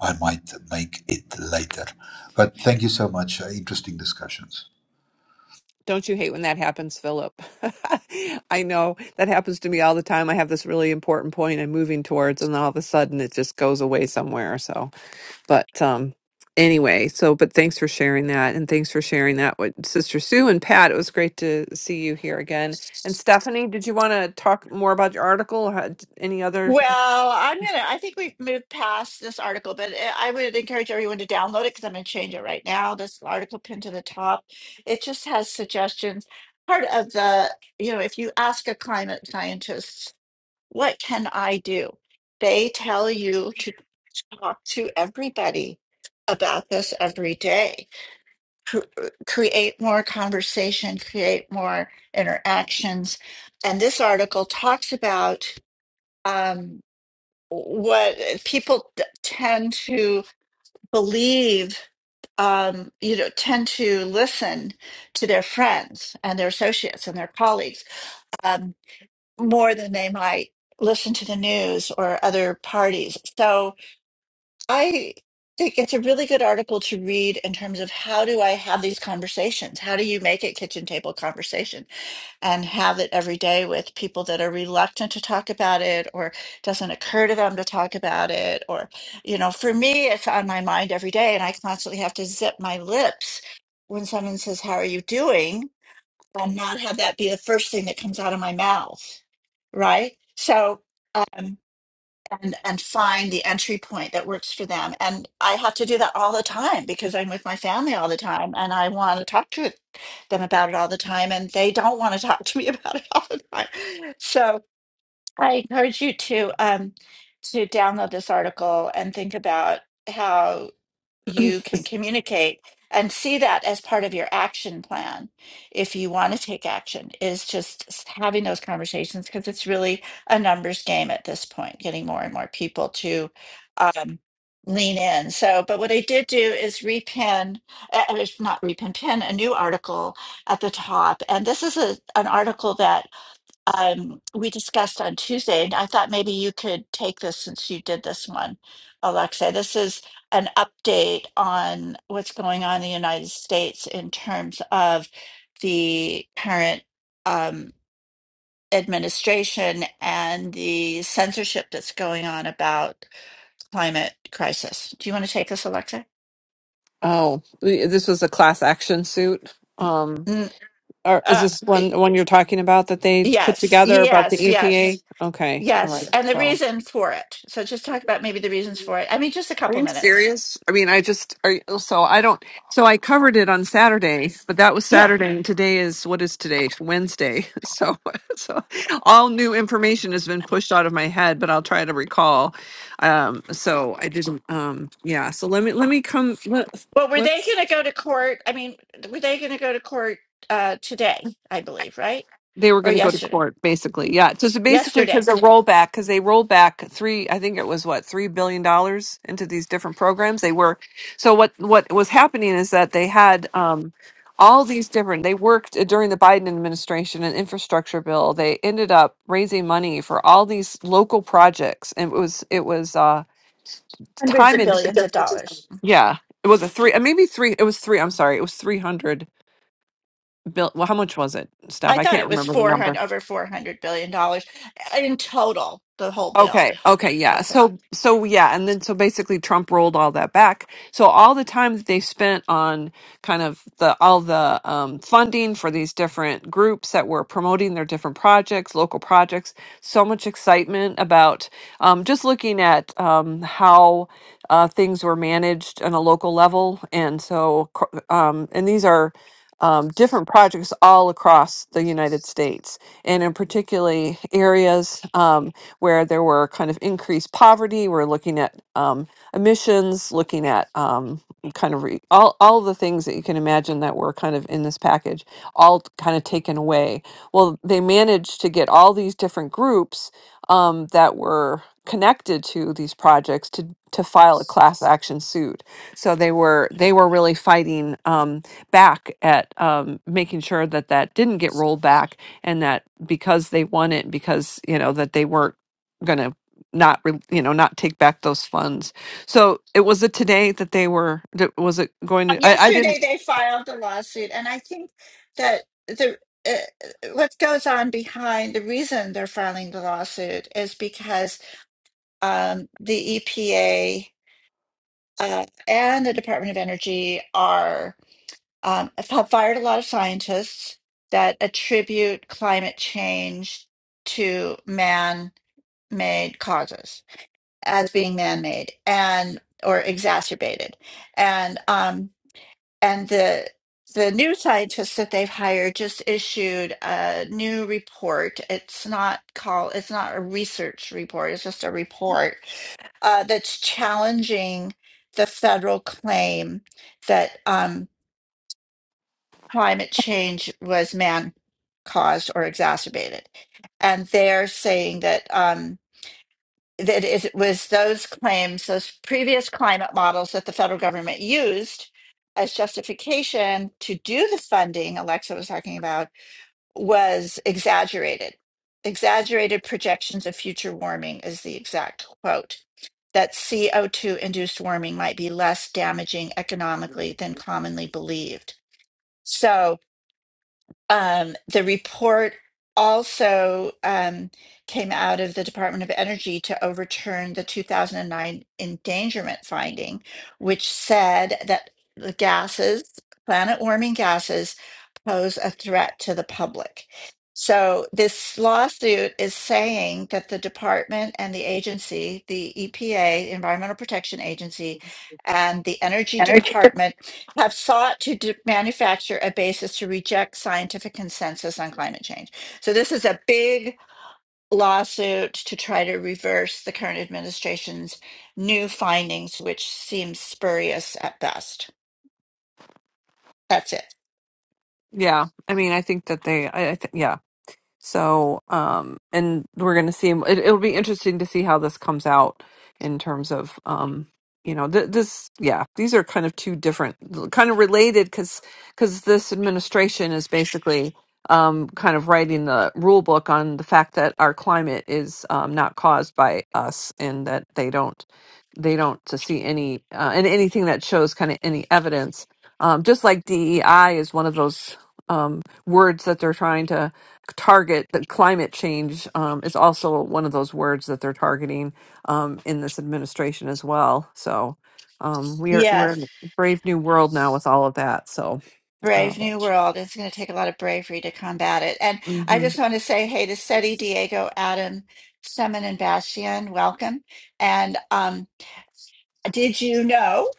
[SPEAKER 5] I might make it later. But thank you so much. Uh, interesting discussions.
[SPEAKER 3] Don't you hate when that happens, Philip? I know that happens to me all the time. I have this really important point I'm moving towards, and then all of a sudden it just goes away somewhere. So, but um, anyway, so but thanks for sharing that, and thanks for sharing that with Sister Sue and Pat. It was great to see you here again. And Stephanie, did you want to talk more about your article? Or had any other?
[SPEAKER 1] Well, I'm going to, I think we've moved past this article, but I I would encourage everyone to download it because I'm going to change it right now. This article pinned to the top. It just has suggestions. Part of the, you know, if you ask a climate scientist, what can I do? They tell you to talk to everybody about this every day. Cr- uh, create more conversation, create more interactions. And this article talks about um, what people t- tend to believe, um, you know, tend to listen to their friends and their associates and their colleagues um, more than they might listen to the news or other parties. So, I think it's a really good article to read in terms of how do I have these conversations? How do you make it kitchen table conversation and have it every day with people that are reluctant to talk about it or doesn't occur to them to talk about it? Or, you know, for me, it's on my mind every day and I constantly have to zip my lips when someone says, How are you doing? and not have that be the first thing that comes out of my mouth, right? So, um, and and find the entry point that works for them and i have to do that all the time because i'm with my family all the time and i want to talk to them about it all the time and they don't want to talk to me about it all the time so i encourage you to um to download this article and think about how you can communicate and see that as part of your action plan if you want to take action is just having those conversations because it's really a numbers game at this point getting more and more people to um, lean in so but what i did do is repin uh, uh, not repin pin a new article at the top and this is a, an article that um, we discussed on Tuesday, and I thought maybe you could take this since you did this one, Alexa. This is an update on what's going on in the United States in terms of the current um, administration and the censorship that's going on about climate crisis. Do you want to take this, Alexa?
[SPEAKER 3] Oh, this was a class action suit. Um,
[SPEAKER 1] Mm,
[SPEAKER 3] Or is
[SPEAKER 1] uh,
[SPEAKER 3] this
[SPEAKER 1] y-
[SPEAKER 3] one one you're talking about that they put
[SPEAKER 1] yes,
[SPEAKER 3] together about the
[SPEAKER 1] yes,
[SPEAKER 3] EPA?
[SPEAKER 1] yes.
[SPEAKER 3] Okay, all right.
[SPEAKER 1] Yes, and the
[SPEAKER 3] So,
[SPEAKER 1] reason for it. So just talk about maybe the reasons for it. I mean, just a
[SPEAKER 3] are
[SPEAKER 1] couple
[SPEAKER 3] you
[SPEAKER 1] minutes.
[SPEAKER 3] serious? I mean, I just are you, so I don't. So I covered it on Saturday, but that was
[SPEAKER 1] Yeah.
[SPEAKER 3] Saturday, and today is what is today? Wednesday. So, so all new information has been pushed out of my head, but I'll try to recall. Um, so I didn't. Um, yeah. So let me let me come. Let,
[SPEAKER 1] Well, were they
[SPEAKER 3] let's.
[SPEAKER 1] going to go to court? I mean, were they going to go to court uh, today, I believe, right?
[SPEAKER 3] they were
[SPEAKER 1] Or
[SPEAKER 3] going to go to
[SPEAKER 1] yesterday?
[SPEAKER 3] court basically yeah so it's basically
[SPEAKER 1] Yesterday.
[SPEAKER 3] because a rollback because they rolled back three i think it was what three billion dollars into these different programs they were so what what was happening is that they had um all these different they worked uh, during the biden administration an infrastructure bill they ended up raising money for all these local projects and it was it was uh
[SPEAKER 1] Hundreds
[SPEAKER 3] time
[SPEAKER 1] of
[SPEAKER 3] and
[SPEAKER 1] billions of dollars.
[SPEAKER 3] yeah it was a three uh, maybe three it was three i'm sorry it was 300 bill well how much was it steph
[SPEAKER 1] I
[SPEAKER 3] i
[SPEAKER 1] thought
[SPEAKER 3] can't
[SPEAKER 1] it was
[SPEAKER 3] remember the number
[SPEAKER 1] 400 over 400 billion dollars uh, in total, the whole bill.
[SPEAKER 3] Okay, okay,
[SPEAKER 1] Uh,
[SPEAKER 3] yeah. So so yeah, and then so basically Trump rolled all that back. So all the time that they spent on kind of the all the um funding for these different groups that were promoting their different projects, local projects, so much excitement about um just looking at um how uh things were managed on a local level and so cr- um and these are um, different projects all across the United States, and in particularly areas. um, where there were kind of increased poverty. We're looking at um, emissions, looking at um, kind of re- all, all the things that you can imagine that were kind of in this package, all kind of taken away. Well, they managed to get all these different groups um, that were connected to these projects to to file a class action suit. So they were they were really fighting um, back at um, making sure that that didn't get rolled back and that because they won it because you know that they weren't going to not re- you know not take back those funds so it was it today that they were that- was it going
[SPEAKER 1] uh,
[SPEAKER 3] to i, I
[SPEAKER 1] yesterday
[SPEAKER 3] didn't
[SPEAKER 1] they filed the lawsuit and I think that the uh, uh, what goes on behind the reason they're filing the lawsuit is because um, the EPA uh, and the Department of Energy are um, have fired a lot of scientists that attribute climate change to man-made causes as being man-made and or exacerbated, and um, and the the new scientists that they've hired just issued a new report. It's not called. It's not a research report. It's just a report uh, that's challenging the federal claim that. um, climate change was man caused or exacerbated. And they're saying that um, that it was those claims, those previous climate models that the federal government used as justification to do the funding Alexa was talking about was exaggerated. Exaggerated projections of future warming is the exact quote. That CO2 induced warming might be less damaging economically than commonly believed. So, um, the report also um, came out of the Department of Energy to overturn the 2009 endangerment finding, which said that the gases, planet warming gases, pose a threat to the public. So, this lawsuit is saying that the department and the agency, the EPA, Environmental Protection Agency, and the Energy
[SPEAKER 3] Energy. Dep-
[SPEAKER 1] Department have sought to d- manufacture a basis to reject scientific consensus on climate change. So, this is a big lawsuit to try to reverse the current administration's new findings, which seems spurious at best. That's it.
[SPEAKER 3] yeah i mean i think that they i, I think yeah So, um, and we're going to see. It, it'll be interesting to see how this comes out in terms of, um, you know, th- this. Yeah, these are kind of two different, kind of related, because because this administration is basically um, kind of writing the rule book on the fact that our climate is um, not caused by us, and that they don't they don't to see any uh, and anything that shows kind of any evidence. Um, just like DEI is one of those um, words that they're trying to target that climate change um, is also one of those words that they're targeting um, in this administration as well. So um, we are we're in
[SPEAKER 1] Yes,
[SPEAKER 3] a brave new world now with all of that. So uh,
[SPEAKER 1] Brave New World. It's going to take a lot of bravery to combat it. And
[SPEAKER 3] mhm.
[SPEAKER 1] I
[SPEAKER 3] and
[SPEAKER 1] just want to say hey to Seti, Diego, Adam, Semin, and Bastian. Welcome. And um, did you know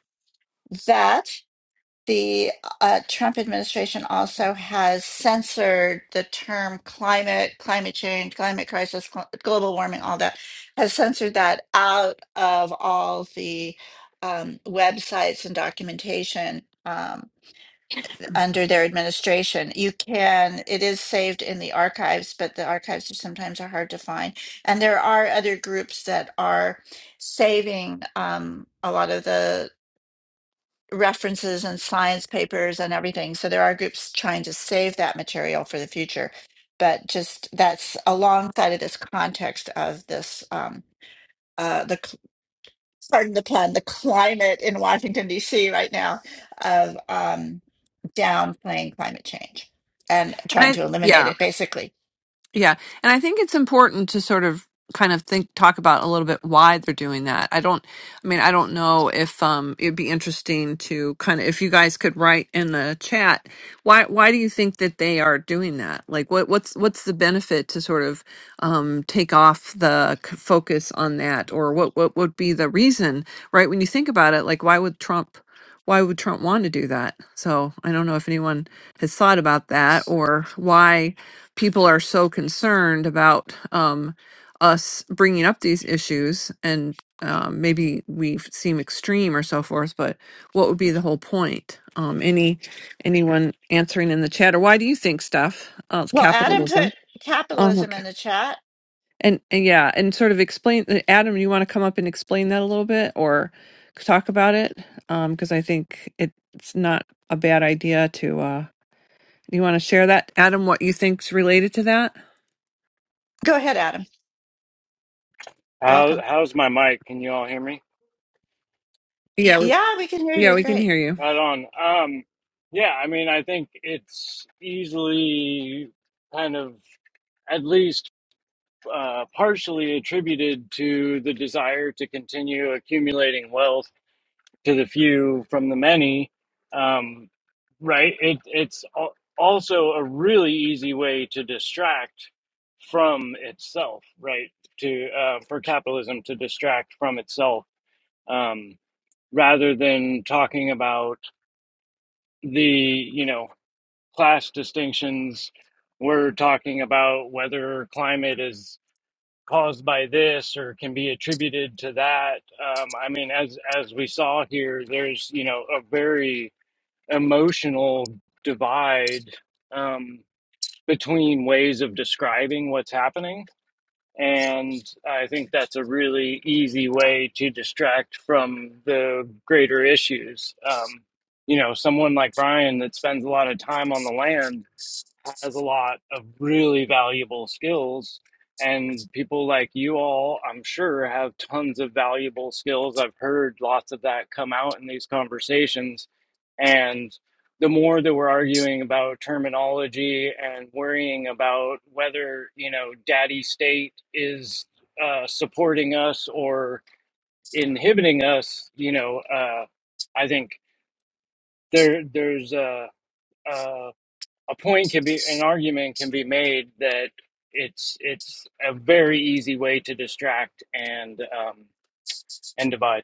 [SPEAKER 1] that? the uh, Trump administration also has censored the term climate, climate change, climate crisis, cl- global warming, all that, has censored that out of all the um, websites and documentation um, under their administration. You can, it is saved in the archives, but the archives are sometimes are hard to find. And there are other groups that are saving um, a lot of the references and science papers and everything. So there are groups trying to save that material for the future. But just that's alongside of this context of this, um, uh, the cl- pardon the pun, the climate in Washington D.C. right now of um, downplaying climate change and trying
[SPEAKER 3] I
[SPEAKER 1] to eliminate
[SPEAKER 3] yeah
[SPEAKER 1] it, basically.
[SPEAKER 3] Yeah. And I think it's important to sort of kind of think talk about a little bit why they're doing that. I don't I mean, I don't know if um it'd be interesting to kind of if you guys could write in the chat why why do you think that they are doing that? Like what what's what's the benefit to sort of um take off the c- focus on that or what what would be the reason, right? When you think about it, like why would Trump why would Trump want to do that? So, I don't know if anyone has thought about that or why people are so concerned about um, us bringing up these issues and um, maybe we f- seem extreme or so forth but what would be the whole point um, any anyone answering in the chat or why do you think stuff uh, it's
[SPEAKER 1] Well, Adam
[SPEAKER 3] capitalism
[SPEAKER 1] put
[SPEAKER 3] um,
[SPEAKER 1] capitalism in
[SPEAKER 3] okay.
[SPEAKER 1] the chat.
[SPEAKER 3] and, and yeah and sort of explain uh, adam you want to come up and explain that a little bit or talk about it because i think it, it's not a bad idea to uh, you want to share that adam what you think's related to that
[SPEAKER 1] Go ahead, Adam. Welcome.
[SPEAKER 11] How how's my mic? Can you all hear me?
[SPEAKER 3] yeah
[SPEAKER 1] Yeah, we can hear
[SPEAKER 3] Yeah,
[SPEAKER 1] you.
[SPEAKER 3] we can
[SPEAKER 1] Great.
[SPEAKER 3] hear you.
[SPEAKER 11] Right on. Um, yeah, I mean, I think it's easily kind of at least uh, partially attributed to the desire to continue accumulating wealth to the few from the many. Um, right? It it's al- also a really easy way to distract from itself, right? To uh, for capitalism to distract from itself. Um, rather than talking about the you know class distinctions we're talking about whether climate is caused by this or can be attributed to that um, i mean as as we saw here there's you know a very emotional divide um, between ways of describing what's happening and I think that's a really easy way to distract from the greater issues. Um, you know, someone like Brian that spends a lot of time on the land has a lot of really valuable skills. And people like you all, I'm sure, have tons of valuable skills. I've heard lots of that come out in these conversations. And the more that we're arguing about terminology and worrying about whether, you know, daddy state is uh, supporting us or inhibiting us, you know, uh, I think there there's a a a point can be an argument can be made that it's it's a very easy way to distract and um, and divide.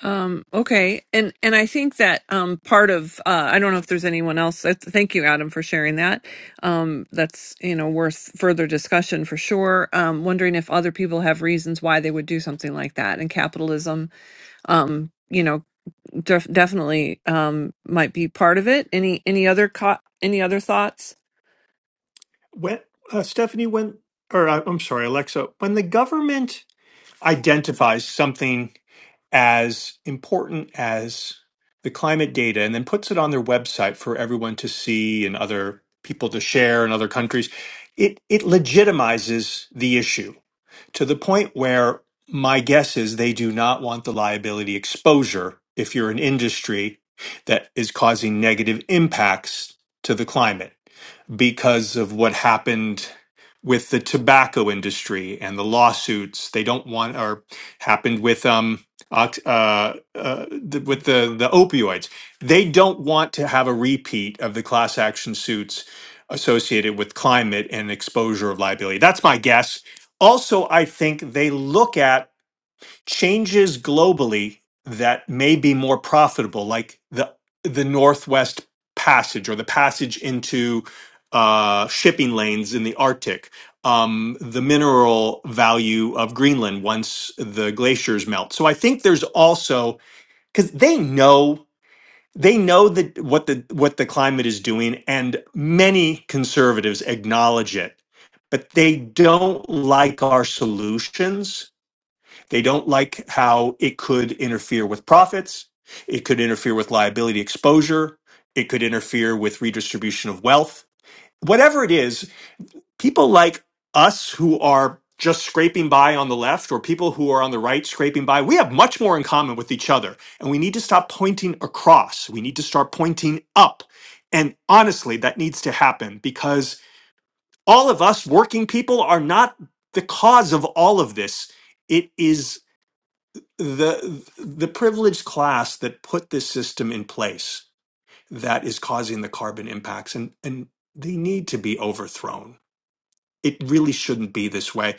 [SPEAKER 3] Um, okay, and and I think that um, part of uh, I don't know if there's anyone else. that's- Thank you, Adam, for sharing that. Um, that's you know worth further discussion for sure. Um, wondering if other people have reasons why they would do something like that, and capitalism, um, you know, def- definitely um, might be part of it. Any any other co- any other thoughts?
[SPEAKER 2] When uh, Stephanie, when or I, I'm sorry, Alexa, when the government identifies something as important as the climate data and then puts it on their website for everyone to see and other people to share in other countries, it it legitimizes the issue. to the point where my guess is they do not want the liability exposure if you're an industry that is causing negative impacts to the climate because of what happened with the tobacco industry and the lawsuits they don't want or happened with um ox- uh, uh, th- with the the opioids they don't want to have a repeat of the class action suits associated with climate and exposure of liability that's my guess also i think they look at changes globally that may be more profitable, like the the Northwest Passage or the passage into uh, shipping lanes in the Arctic, um, the mineral value of Greenland once the glaciers melt. So I think there's also because they know they know that what the what the climate is doing, and many conservatives acknowledge it, but they don't like our solutions they don't like how it could interfere with profits. It could interfere with liability exposure. It could interfere with redistribution of wealth. Whatever it is, people like us who are just scraping by on the left or people who are on the right scraping by, we have much more in common with each other. And we need to stop pointing across. We need to start pointing up. And honestly, that needs to happen because all of us working people are not the cause of all of this. It is the the privileged class that put this system in place that is causing the carbon impacts and and they need to be overthrown it really shouldn't be this way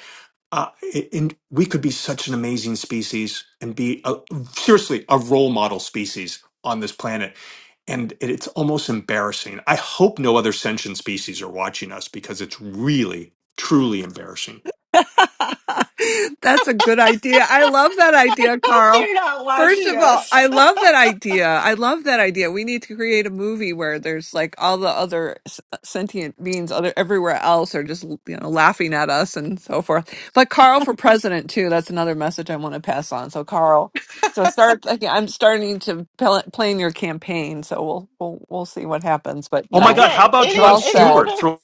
[SPEAKER 2] uh, i- and we could be such an amazing species and be a, seriously a role model species on this planet and it- it's almost embarrassing i hope no other sentient species are watching us because it's really truly embarrassing
[SPEAKER 3] That's a good idea. I love that
[SPEAKER 1] I
[SPEAKER 3] idea,
[SPEAKER 1] hope
[SPEAKER 3] Carl.
[SPEAKER 1] they're not
[SPEAKER 3] First
[SPEAKER 1] watching
[SPEAKER 3] of all,
[SPEAKER 1] us.
[SPEAKER 3] I love that idea. I love that idea. We need to create a movie where there's like all the other s- uh, sentient beings other everywhere else are just, you know, laughing at us and so forth. But Carl for president too. That's another message I want to pass on. So Carl, so start like I'm starting to pl- plan your campaign, so we'll we'll we'll see what happens, but
[SPEAKER 2] oh my
[SPEAKER 3] no.
[SPEAKER 2] god how
[SPEAKER 1] Okay.
[SPEAKER 2] about john
[SPEAKER 1] Any
[SPEAKER 3] Well
[SPEAKER 1] any
[SPEAKER 3] said.
[SPEAKER 2] stewart
[SPEAKER 1] other
[SPEAKER 2] throwing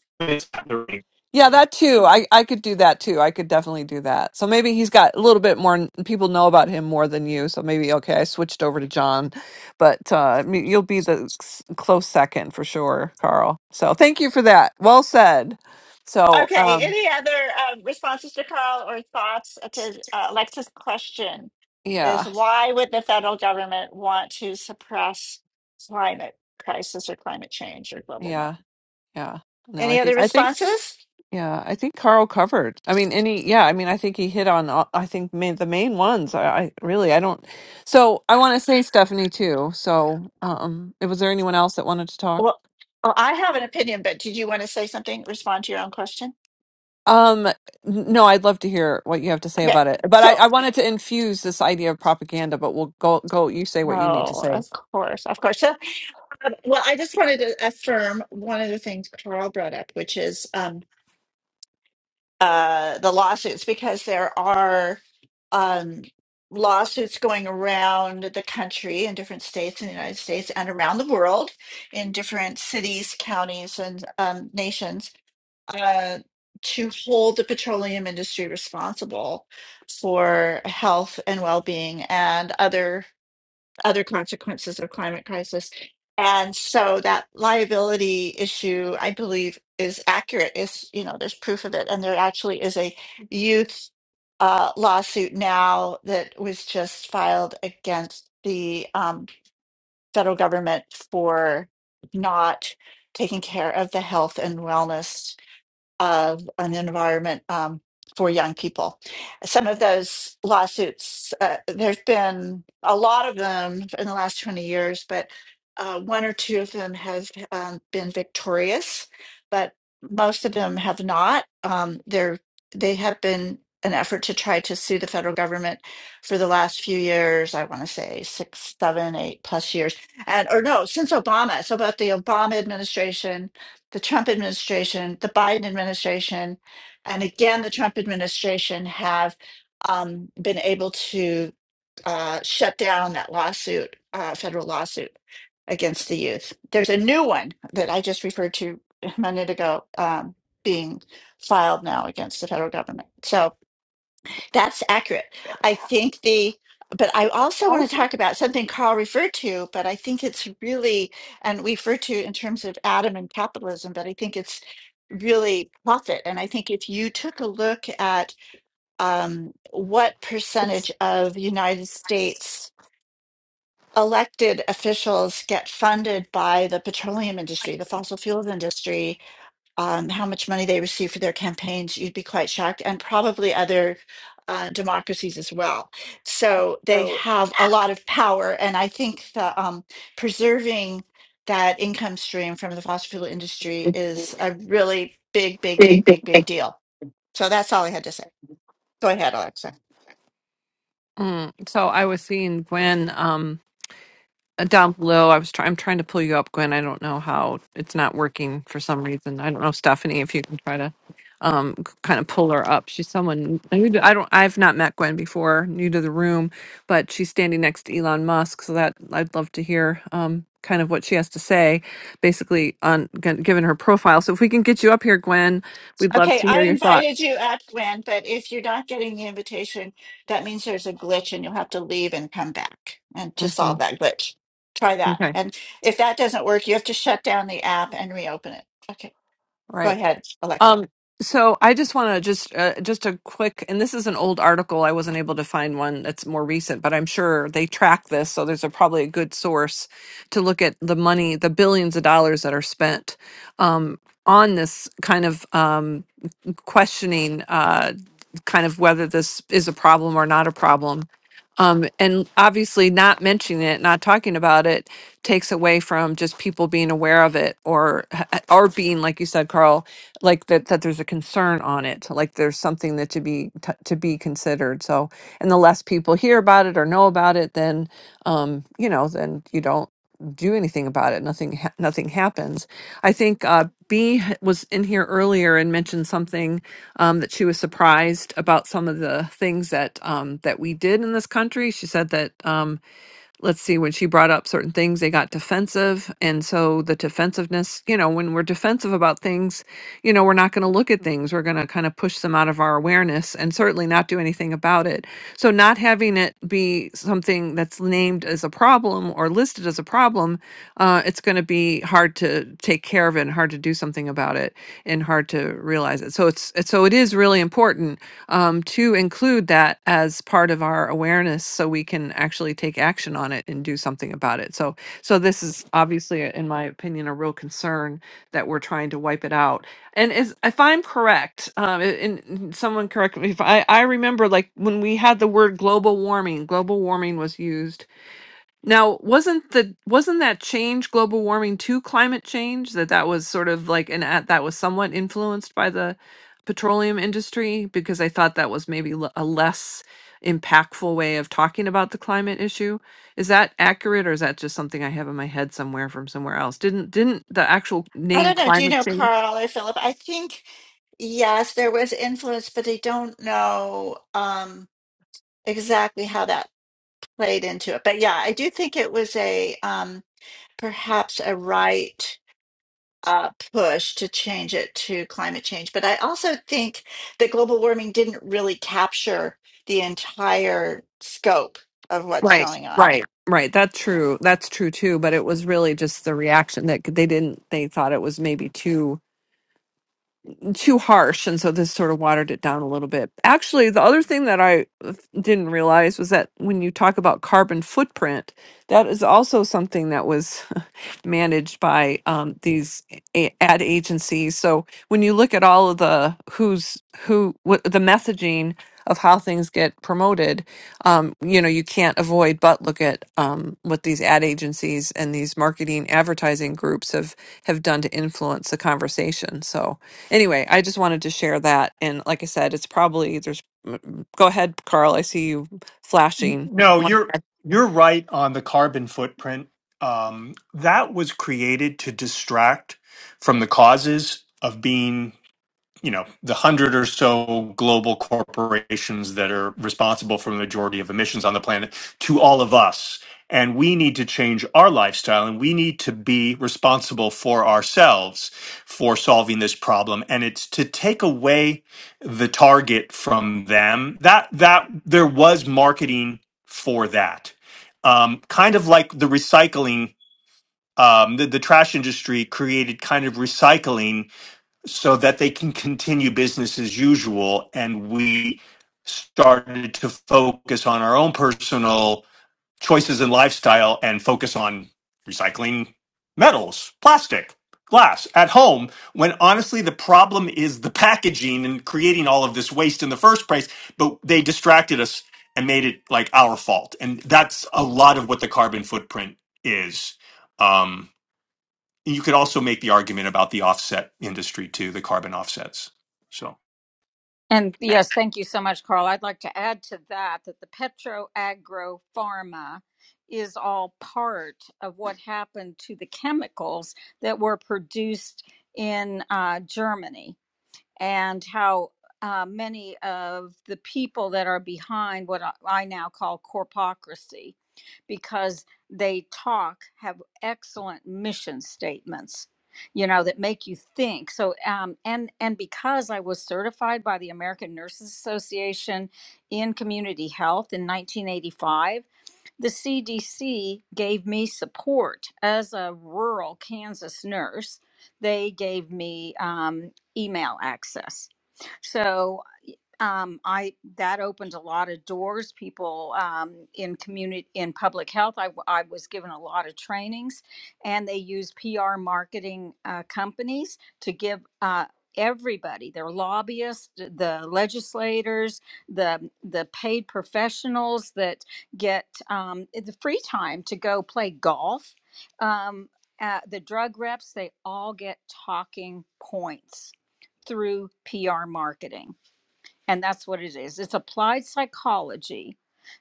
[SPEAKER 3] Yeah, that too. I I could do that too. I could definitely do that. So maybe he's got a little bit more people know about him more than you. So maybe okay, I switched over to John, but uh I you'll be the s- close second for sure, Carl. So thank you for that. Well said. So
[SPEAKER 1] okay,
[SPEAKER 3] um
[SPEAKER 1] any other um, responses to Carl or thoughts to uh, Alexa's question is
[SPEAKER 3] yeah,
[SPEAKER 1] why would the federal government want to suppress climate crisis or climate change or global warming?
[SPEAKER 3] yeah, yeah. No, I
[SPEAKER 1] Any
[SPEAKER 3] think
[SPEAKER 1] other
[SPEAKER 3] I think.
[SPEAKER 1] responses?
[SPEAKER 3] Yeah, I think Carl covered. I mean, any, yeah, I mean, I think he hit on, all- I think main, the main ones. I, I really, I don't. So I want to say Stephanie too. So, um, was there anyone else that wanted to talk?
[SPEAKER 1] Well, well, I have an opinion, but did you want to say something? Respond to your own question?
[SPEAKER 3] Um, n- no, I'd love to hear what you have to say
[SPEAKER 1] Okay.
[SPEAKER 3] about it, but I,
[SPEAKER 1] So,
[SPEAKER 3] I wanted to infuse this idea of propaganda, but we'll go, go, you say what you need to
[SPEAKER 1] no,
[SPEAKER 3] say.
[SPEAKER 1] of course, of course. So Um, Well, I just wanted to affirm one of the things Carl brought up, which is um, uh, the lawsuits, because there are um, lawsuits going around the country in different states in the United States and around the world in different cities, counties, and um, nations uh, to hold the petroleum industry responsible for health and well being and other other consequences of climate crisis. And so that liability issue, I believe, is accurate. Is you know, there's proof of it, and there actually is a youth uh, lawsuit now that was just filed against the um, federal government for not taking care of the health and wellness of an environment um, for young people. Some of those lawsuits, uh, there's been a lot of them in the last 20 years, but uh, one or two of them have um, been victorious, but most of them have not. Um, they're, they have been an effort to try to sue the federal government for the last few years. I want to say six, seven, eight plus years, and or no, since Obama. So about the Obama administration the Trump administration, the Biden administration, and again, the Trump administration have um, been able to uh, shut down that lawsuit, uh, federal lawsuit against the youth. There's a new one that I just referred to a minute ago um, being filed now against the federal government. So that's accurate. I think the, but I also want to
[SPEAKER 3] Also,
[SPEAKER 1] talk about something Carl referred to, but I think it's really, and we refer to in terms of Adam and capitalism, but I think it's really profit. And I think if you took a look at um, what percentage of United States elected officials get funded by the petroleum industry, the fossil fuels industry, um, how much money they receive for their campaigns, you'd be quite shocked, and probably other uh, democracies as well. So they
[SPEAKER 3] though,
[SPEAKER 1] have a lot of power, and I think that um, preserving that income stream from the fossil
[SPEAKER 3] the
[SPEAKER 1] fuel industry is
[SPEAKER 3] situation
[SPEAKER 1] a
[SPEAKER 3] is
[SPEAKER 1] really big, big,
[SPEAKER 3] big,
[SPEAKER 1] big,
[SPEAKER 3] big,
[SPEAKER 1] big,
[SPEAKER 3] big
[SPEAKER 1] big deal. So that's all I had to say. Go ahead, Alexa.
[SPEAKER 3] Mm. So I was seeing Gwen um uh, down below. I was try- I'm trying to pull you up, Gwen. I don't know how it's not working for some reason. I don't know, Stephanie, if you can try to um kind of pull her up. She's someone new to, I don't I've not met Gwen before, new to the room, but she's standing next to Elon Musk, so that I'd love to hear um kind of what she has to say basically on g- given her profile. So if we can get you up here, Gwen, we'd love
[SPEAKER 1] Okay,
[SPEAKER 3] to
[SPEAKER 1] I
[SPEAKER 3] hear your
[SPEAKER 1] invited
[SPEAKER 3] thoughts.
[SPEAKER 1] you up, Gwen, but if you're not getting the invitation, that means there's a glitch and you'll have to leave and come back and to solve
[SPEAKER 3] Mhm.
[SPEAKER 1] that glitch. Try that.
[SPEAKER 3] Okay.
[SPEAKER 1] And if that doesn't work, you have to shut down the app and reopen it. Okay, go
[SPEAKER 3] Right.
[SPEAKER 1] ahead, Alexa.
[SPEAKER 3] Um, so I just want to just uh, just a quick, and this is an old article. I wasn't able to find one that's more recent, but I'm sure they track this, so there's a, probably a good source to look at the money, the billions of dollars that are spent um, on this kind of. Um, questioning uh, kind of whether this is a problem or not a problem. Um, and obviously, not mentioning it, not talking about it, takes away from just people being aware of it, or h- h- or being, like you said, Carl, like that that there's a concern on it, like there's something that to be t- to be considered. So, and the less people hear about it or know about it, then um, you know, then you don't do anything about it. Nothing ha- nothing happens. I think uh, B was in here earlier and mentioned something um, that she was surprised about some of the things that um, that we did in this country. She said that um, let's see, when she brought up certain things, they got defensive. And so the defensiveness, you know, when we're defensive about things, you know, we're not going to look at things. We're going to kind of push them out of our awareness and certainly not do anything about it. So not having it be something that's named as a problem or listed as a problem, uh, it's going to be hard to take care of it and hard to do something about it and hard to realize it. So it's, it's- so it is really important um, to include that as part of our awareness so we can actually take action on it and do something about it. So, so this is obviously, in my opinion, a real concern that we're trying to wipe it out. And is, if I'm correct, um, and and someone correct me if I, I remember like when we had the word global warming, global warming was used now, wasn't the wasn't that change global warming to climate change that that was sort of like an at that was somewhat influenced by the petroleum industry because I thought that was maybe l- a less impactful way of talking about the climate issue. Is that accurate or is that just something I have in my head somewhere from somewhere else? Didn't didn't the actual
[SPEAKER 1] I
[SPEAKER 3] name
[SPEAKER 1] don't know. Do you
[SPEAKER 3] climate
[SPEAKER 1] know
[SPEAKER 3] change?
[SPEAKER 1] Carl or Philip? I think yes, there was influence, but I don't know um, exactly how that played into it. But yeah, I do think it was a um, perhaps a right uh, push to change it to climate change. But I also think that global warming didn't really capture the entire scope of what's
[SPEAKER 3] Right,
[SPEAKER 1] going on.
[SPEAKER 3] right. Right, that's true. That's true too, but it was really just the reaction that c- they didn't they thought it was maybe too too harsh and so this sort of watered it down a little bit actually the other thing that i uh, didn't realize was that when you talk about carbon footprint that is also something that was managed by um, these a- ad agencies so when you look at all of the who's who what the messaging of how things get promoted um, you know you can't avoid but look at um, what these ad agencies and these marketing advertising groups have have done to influence the conversation so anyway, I just wanted to share that. And like I said, it's probably there's. m- Go ahead, Carl. I see you flashing.
[SPEAKER 2] No,
[SPEAKER 3] One-
[SPEAKER 2] you're you're right on the carbon footprint. Um, that was created to distract from the causes of being you know the hundred or so global corporations that are responsible for the majority of emissions on the planet to all of us and we need to change our lifestyle and we need to be responsible for ourselves for solving this problem and it's to take away the target from them that that there was marketing for that um, kind of like the recycling um, the, the trash industry created kind of recycling so that they can continue business as usual. And we started to focus on our own personal choices and lifestyle and focus on recycling metals, plastic, glass at home. When honestly, the problem is the packaging and creating all of this waste in the first place, but they distracted us and made it like our fault. And that's a lot of what the carbon footprint is. Um, and you could also make the argument about the offset industry too, the carbon offsets. So.
[SPEAKER 9] And yes, thank you so much, Carl. I'd like to add to that that the petroagropharma is all part of what happened to the chemicals that were produced in uh, Germany and how uh, many of the people that are behind what I I now call corpocracy, because they talk, have excellent mission statements, you know, that make you think. So, um, and and because I was certified by the American Nurses Association in community health in 1985 the CDC gave me support as a rural Kansas nurse. They gave me um, email access. So um, I that opened a lot of doors. People um, in community in public health, I, w- I was given a lot of trainings, and they use PR marketing uh, companies to give uh, everybody, their lobbyists, the legislators, the the paid professionals that get um, the free time to go play golf. Um, uh, the drug reps, they all get talking points through PR marketing and that's what it is. It's applied psychology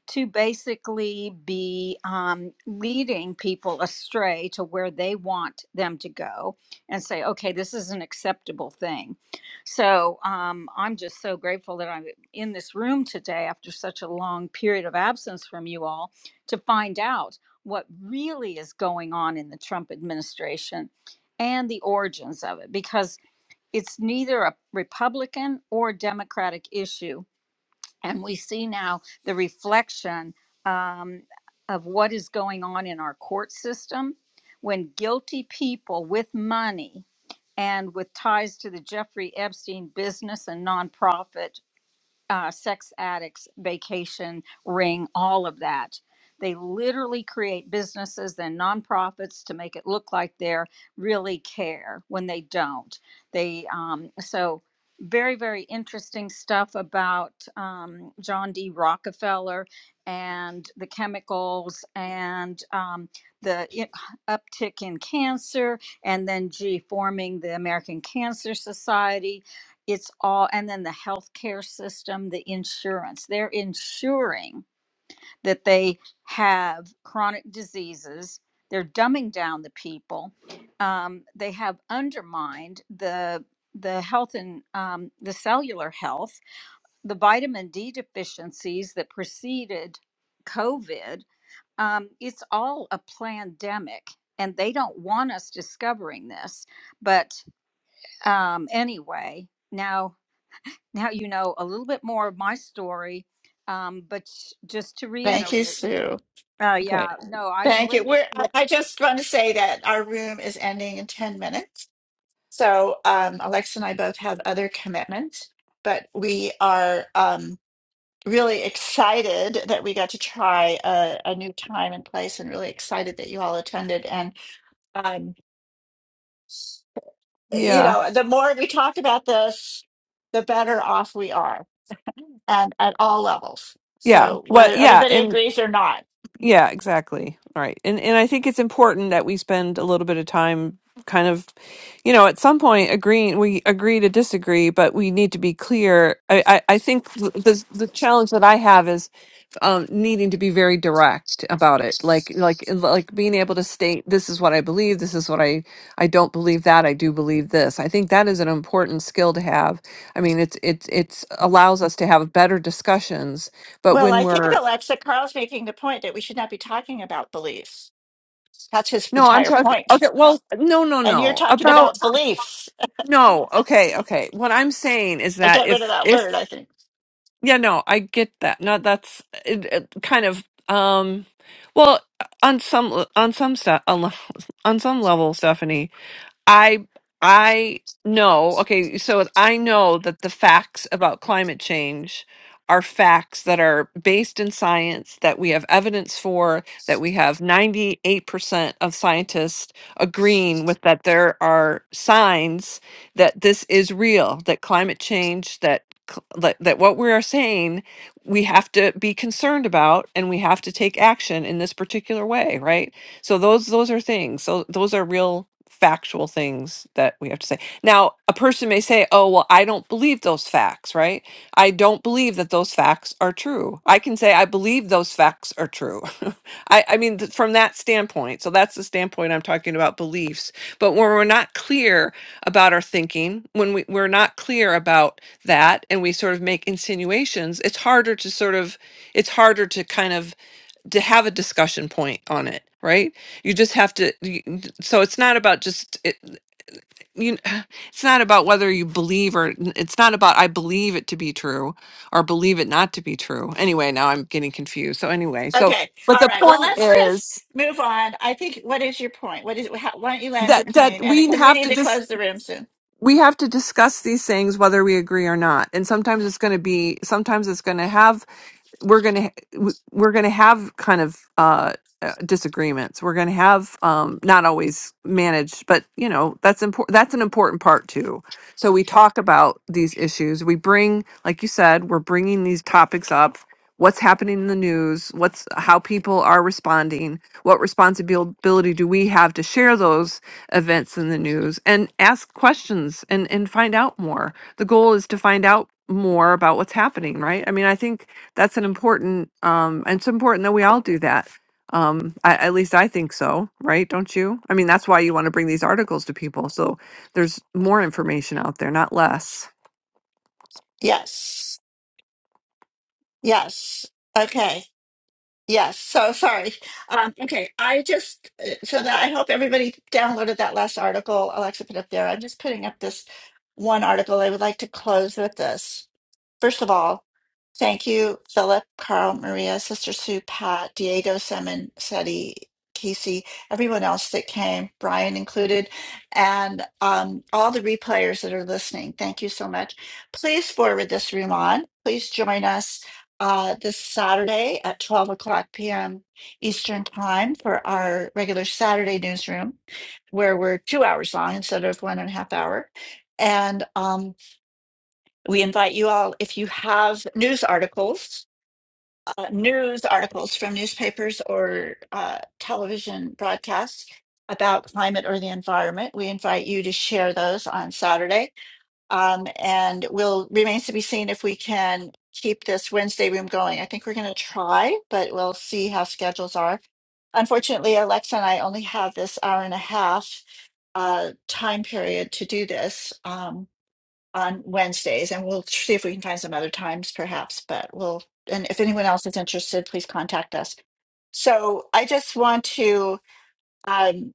[SPEAKER 9] to basically be um, leading people astray to where they want them to go and say, okay, this is an acceptable thing. So um, I'm just so grateful that I'm in this room today after such a long period of absence from you all to find out what really is going on in the Trump administration and the origins of it because it's neither a Republican or Democratic issue. And we see now the reflection um, of what is going on in our court system when guilty people with money and with ties to the Jeffrey Epstein business and nonprofit uh, sex addicts, vacation, ring, all of that. They literally create businesses and nonprofits to make it look like they're really care when they don't. They um, so very very interesting stuff about um, John D. Rockefeller and the chemicals and um, the i- uptick in cancer, and then G forming the American Cancer Society it's all and then the healthcare system the insurance they're ensuring that they have chronic diseases they're dumbing down the people um, they have undermined the the health and um, the cellular health the vitamin d deficiencies that preceded covid um, it's all a pandemic and they don't want us discovering this but um, anyway now now you know a little bit more of my story. Um, but sh- just to
[SPEAKER 1] Thank
[SPEAKER 9] reiterate,
[SPEAKER 1] you, Sue.
[SPEAKER 9] uh,
[SPEAKER 3] Okay.
[SPEAKER 9] yeah, no, I'm
[SPEAKER 1] Thank you. We're,
[SPEAKER 9] linked with.
[SPEAKER 1] I, I just want to say that our room is ending in 10 minutes. So um, Alexa and I both have other commitments, but we are um, really excited that we got to try a, a new time and place and really excited that you all attended. And, um, you
[SPEAKER 3] Yeah.
[SPEAKER 1] know, the more we talk about this, the better off we are and at all levels.
[SPEAKER 3] Yeah.
[SPEAKER 1] So
[SPEAKER 3] Well.
[SPEAKER 1] whether
[SPEAKER 3] Yeah.
[SPEAKER 1] everybody
[SPEAKER 3] And
[SPEAKER 1] agrees or not.
[SPEAKER 3] yeah. Exactly. All right. And and I think it's important that we spend a little bit of time, kind of, you know, at some point agreeing. We agree to disagree, but we need to be clear. I I, I think th- the the challenge that I have is um, needing to be very direct about it, like like like being able to state this is what I believe, this is what I I don't believe that I do believe this. I think that is an important skill to have. I mean, it's it's it's allows us to have better discussions, but
[SPEAKER 1] Well,
[SPEAKER 3] when
[SPEAKER 1] I think
[SPEAKER 3] we're
[SPEAKER 1] Alexa Carl's making the point that we should not be talking about beliefs. That's his
[SPEAKER 3] no, I'm
[SPEAKER 1] entire
[SPEAKER 3] talking
[SPEAKER 1] point.
[SPEAKER 3] okay. Well, no, no,
[SPEAKER 1] And you're
[SPEAKER 3] no.
[SPEAKER 1] talking
[SPEAKER 3] About
[SPEAKER 1] about beliefs.
[SPEAKER 3] no. Okay, okay. What I'm saying is
[SPEAKER 1] I
[SPEAKER 3] that
[SPEAKER 1] get rid of
[SPEAKER 3] if
[SPEAKER 1] that
[SPEAKER 3] if
[SPEAKER 1] word, I think.
[SPEAKER 3] Yeah, no, I get that. No, that's it, it kind of um well on some on some stuff on some level, Stephanie. I I know, okay, so I know that the facts about climate change are facts that are based in science that we have evidence for that we have 98% of scientists agreeing with that there are signs that this is real that climate change that cl- that, that what we are saying we have to be concerned about and we have to take action in this particular way right so those those are things. So those are real factual things that we have to say. Now, a person may say, "Oh, well, I don't believe those facts, right? I don't believe that those facts are true." I can say I believe those facts are true. I I mean th- from that standpoint. So that's the standpoint I'm talking about beliefs. But when we're not clear about our thinking, when we, we're not clear about that and we sort of make insinuations, it's harder to sort of it's harder to kind of to have a discussion point on it right you just have to you, so it's not about just it, you it's not about whether you believe or it's not about i believe it to be true or believe it not to be true anyway now i'm getting confused so anyway so
[SPEAKER 1] Okay.
[SPEAKER 3] but
[SPEAKER 1] All
[SPEAKER 3] the
[SPEAKER 1] right. Well,
[SPEAKER 3] point
[SPEAKER 1] let's just
[SPEAKER 3] is
[SPEAKER 1] move on. I think. What is your point? What is? How, why don't you land your
[SPEAKER 3] that that
[SPEAKER 1] plane? And
[SPEAKER 3] we
[SPEAKER 1] because we
[SPEAKER 3] have
[SPEAKER 1] need
[SPEAKER 3] to
[SPEAKER 1] to
[SPEAKER 3] just
[SPEAKER 1] close the room soon.
[SPEAKER 3] we have to discuss these things whether we agree or not and sometimes it's going to be sometimes it's going to have we're going to we- we're going to have kind of uh uh, disagreements we're going to have um not always managed but you know that's important that's an important part too so we talk about these issues we bring like you said we're bringing these topics up what's happening in the news what's how people are responding what responsibility do we have to share those events in the news and ask questions and and find out more the goal is to find out more about what's happening right i mean i think that's an important um and it's important that we all do that um I, at least i think so right don't you i mean that's why you want to bring these articles to people so there's more information out there not less
[SPEAKER 1] Yes. Yes. Okay. Yes. So sorry. Um, okay. I just uh, so that I hope everybody downloaded that last article Alexa put up there. I'm just putting up this one article. I would like to close with this. First of all, thank you, Philip, Carl, Maria, Sister Sue, Pat, Diego, Simon, Seti, Casey, everyone else that came, Brian included, and um, all the replayers that are listening. Thank you so much. Please forward this room on. Please join us uh, this Saturday at 12 o'clock p.m. Eastern Time for our regular Saturday newsroom, where we're two hours long instead of one and a half hour. And um, we invite you all, if you have news articles, uh, news articles from newspapers or uh, television broadcasts about climate or the environment, we invite you to share those on Saturday. Um, and will remains to be seen if we can keep this Wednesday room going. I think we're going to try, but we'll see how schedules are. Unfortunately, Alexa and I only have this hour and a half uh, time period to do this. Um, on Wednesdays, and we'll see if we can find some other times perhaps, but we'll, and if anyone else is interested, please contact us. So I just want to um,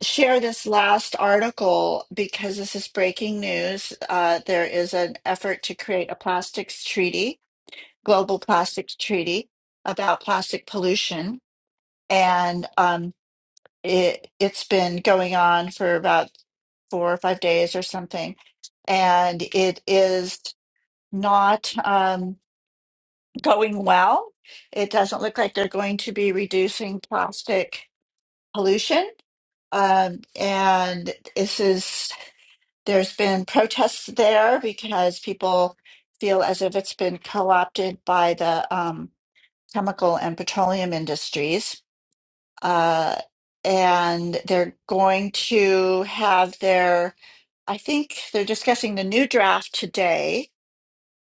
[SPEAKER 1] share this last article because this is breaking news. Uh, there is an effort to create a plastics treaty, global plastics treaty about plastic pollution. And um, it, it's been going on for about four or five days or something and it is not um, going well. It doesn't look like they're going to be reducing plastic pollution. Um, and this is, there's been protests there because people feel as if it's been co opted by the um, chemical and petroleum industries. Uh, and they're going to have their, I think they're discussing the new draft today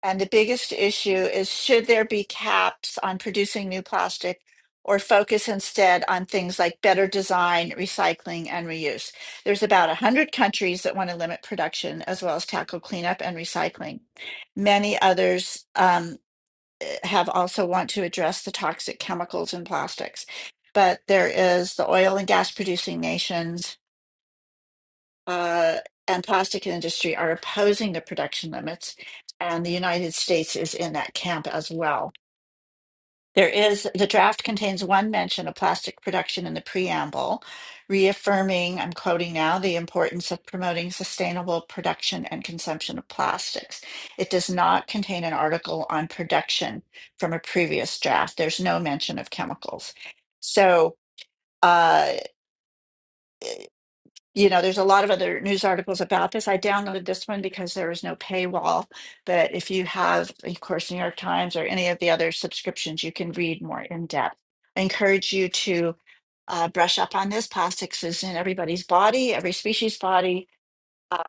[SPEAKER 1] And the biggest issue is should there be caps on producing new plastic or focus instead on things like better design, recycling, and reuse? There's about 100 countries that want to limit production as well as tackle cleanup and recycling. Many others um, have also want to address the toxic chemicals in plastics. But there is the oil and gas producing nations, uh, and plastic industry are opposing the production limits, and the United States is in that camp as well. There is the draft contains one mention of plastic production in the preamble, reaffirming, I'm quoting now, the importance of promoting sustainable production and consumption of plastics. It does not contain an article on production from a previous draft. There's no mention of chemicals. So, uh, you know, there's a lot of other news articles about this. I downloaded this one because there is no paywall. But if you have, of course, New York Times or any of the other subscriptions, you can read more in depth. I encourage you to uh, brush up on this. Plastics is in everybody's body, every species' body. Uh,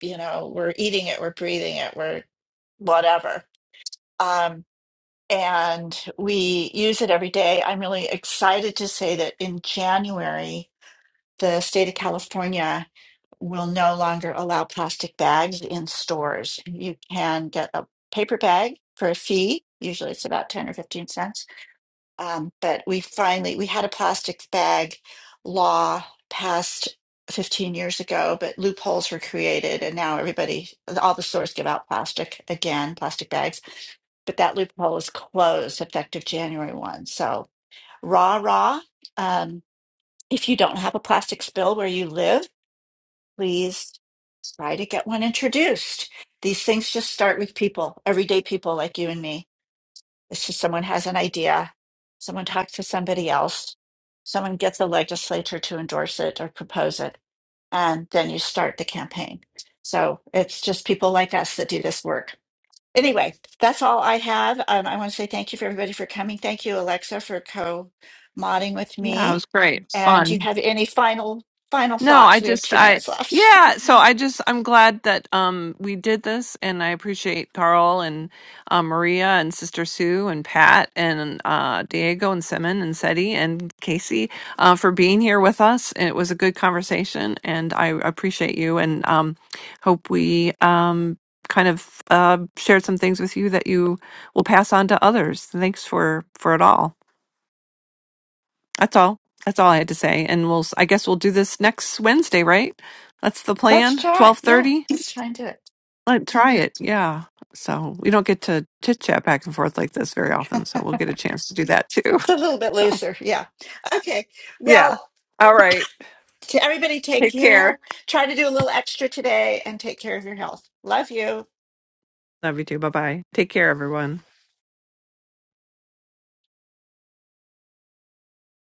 [SPEAKER 1] you know, we're eating it, we're breathing it, we're whatever. Um, and we use it every day. I'm really excited to say that in January, the state of California will no longer allow plastic bags in stores. You can get a paper bag for a fee. Usually it's about 10 or 15 cents. Um, but we finally, we had a plastic bag law passed 15 years ago, but loopholes were created and now everybody, all the stores give out plastic again, plastic bags. But that loophole is closed effective January 1. So rah, rah. Um, if you don't have a plastic spill where you live, please try to get one introduced. These things just start with people, everyday people like you and me. It's just someone has an idea, someone talks to somebody else, someone gets the legislature to endorse it or propose it, and then you start the campaign. So it's just people like us that do this work anyway, that's all I have. Um, I want to say thank you for everybody for coming. Thank you, Alexa, for co-modding with
[SPEAKER 3] yeah it
[SPEAKER 1] me.
[SPEAKER 3] was great It's
[SPEAKER 1] And do
[SPEAKER 3] fun
[SPEAKER 1] you have any final final
[SPEAKER 3] No, I
[SPEAKER 1] thoughts? We have
[SPEAKER 3] just
[SPEAKER 1] two
[SPEAKER 3] I
[SPEAKER 1] minutes left.
[SPEAKER 3] yeah, so I just I'm glad that um we did this and I appreciate Carl and uh, Maria and Sister Sue and Pat and uh Diego and Simon and Seti and Casey uh for being here with us. And it was a good conversation and I appreciate you and um hope we um kind of uh shared some things with you that you will pass on to others. Thanks for for it all. That's all. That's all I had to say. And we'll, I guess we'll do this next Wednesday, right? That's the
[SPEAKER 1] Let's
[SPEAKER 3] plan.
[SPEAKER 1] try.
[SPEAKER 3] Twelve
[SPEAKER 1] Yeah,
[SPEAKER 3] thirty.
[SPEAKER 1] let's try and do it.
[SPEAKER 3] Let try it. Yeah. So we don't get to chit chat back and forth like this very often. So we'll get a chance to do that too.
[SPEAKER 1] It's a little bit
[SPEAKER 3] So
[SPEAKER 1] looser. Yeah. Okay.
[SPEAKER 3] yeah.
[SPEAKER 1] Well,
[SPEAKER 3] All right.
[SPEAKER 1] to everybody, take
[SPEAKER 3] Take care.
[SPEAKER 1] care. Try to do a little extra today and take care of your health. Love you.
[SPEAKER 3] Love you too. Bye bye. Take care, everyone.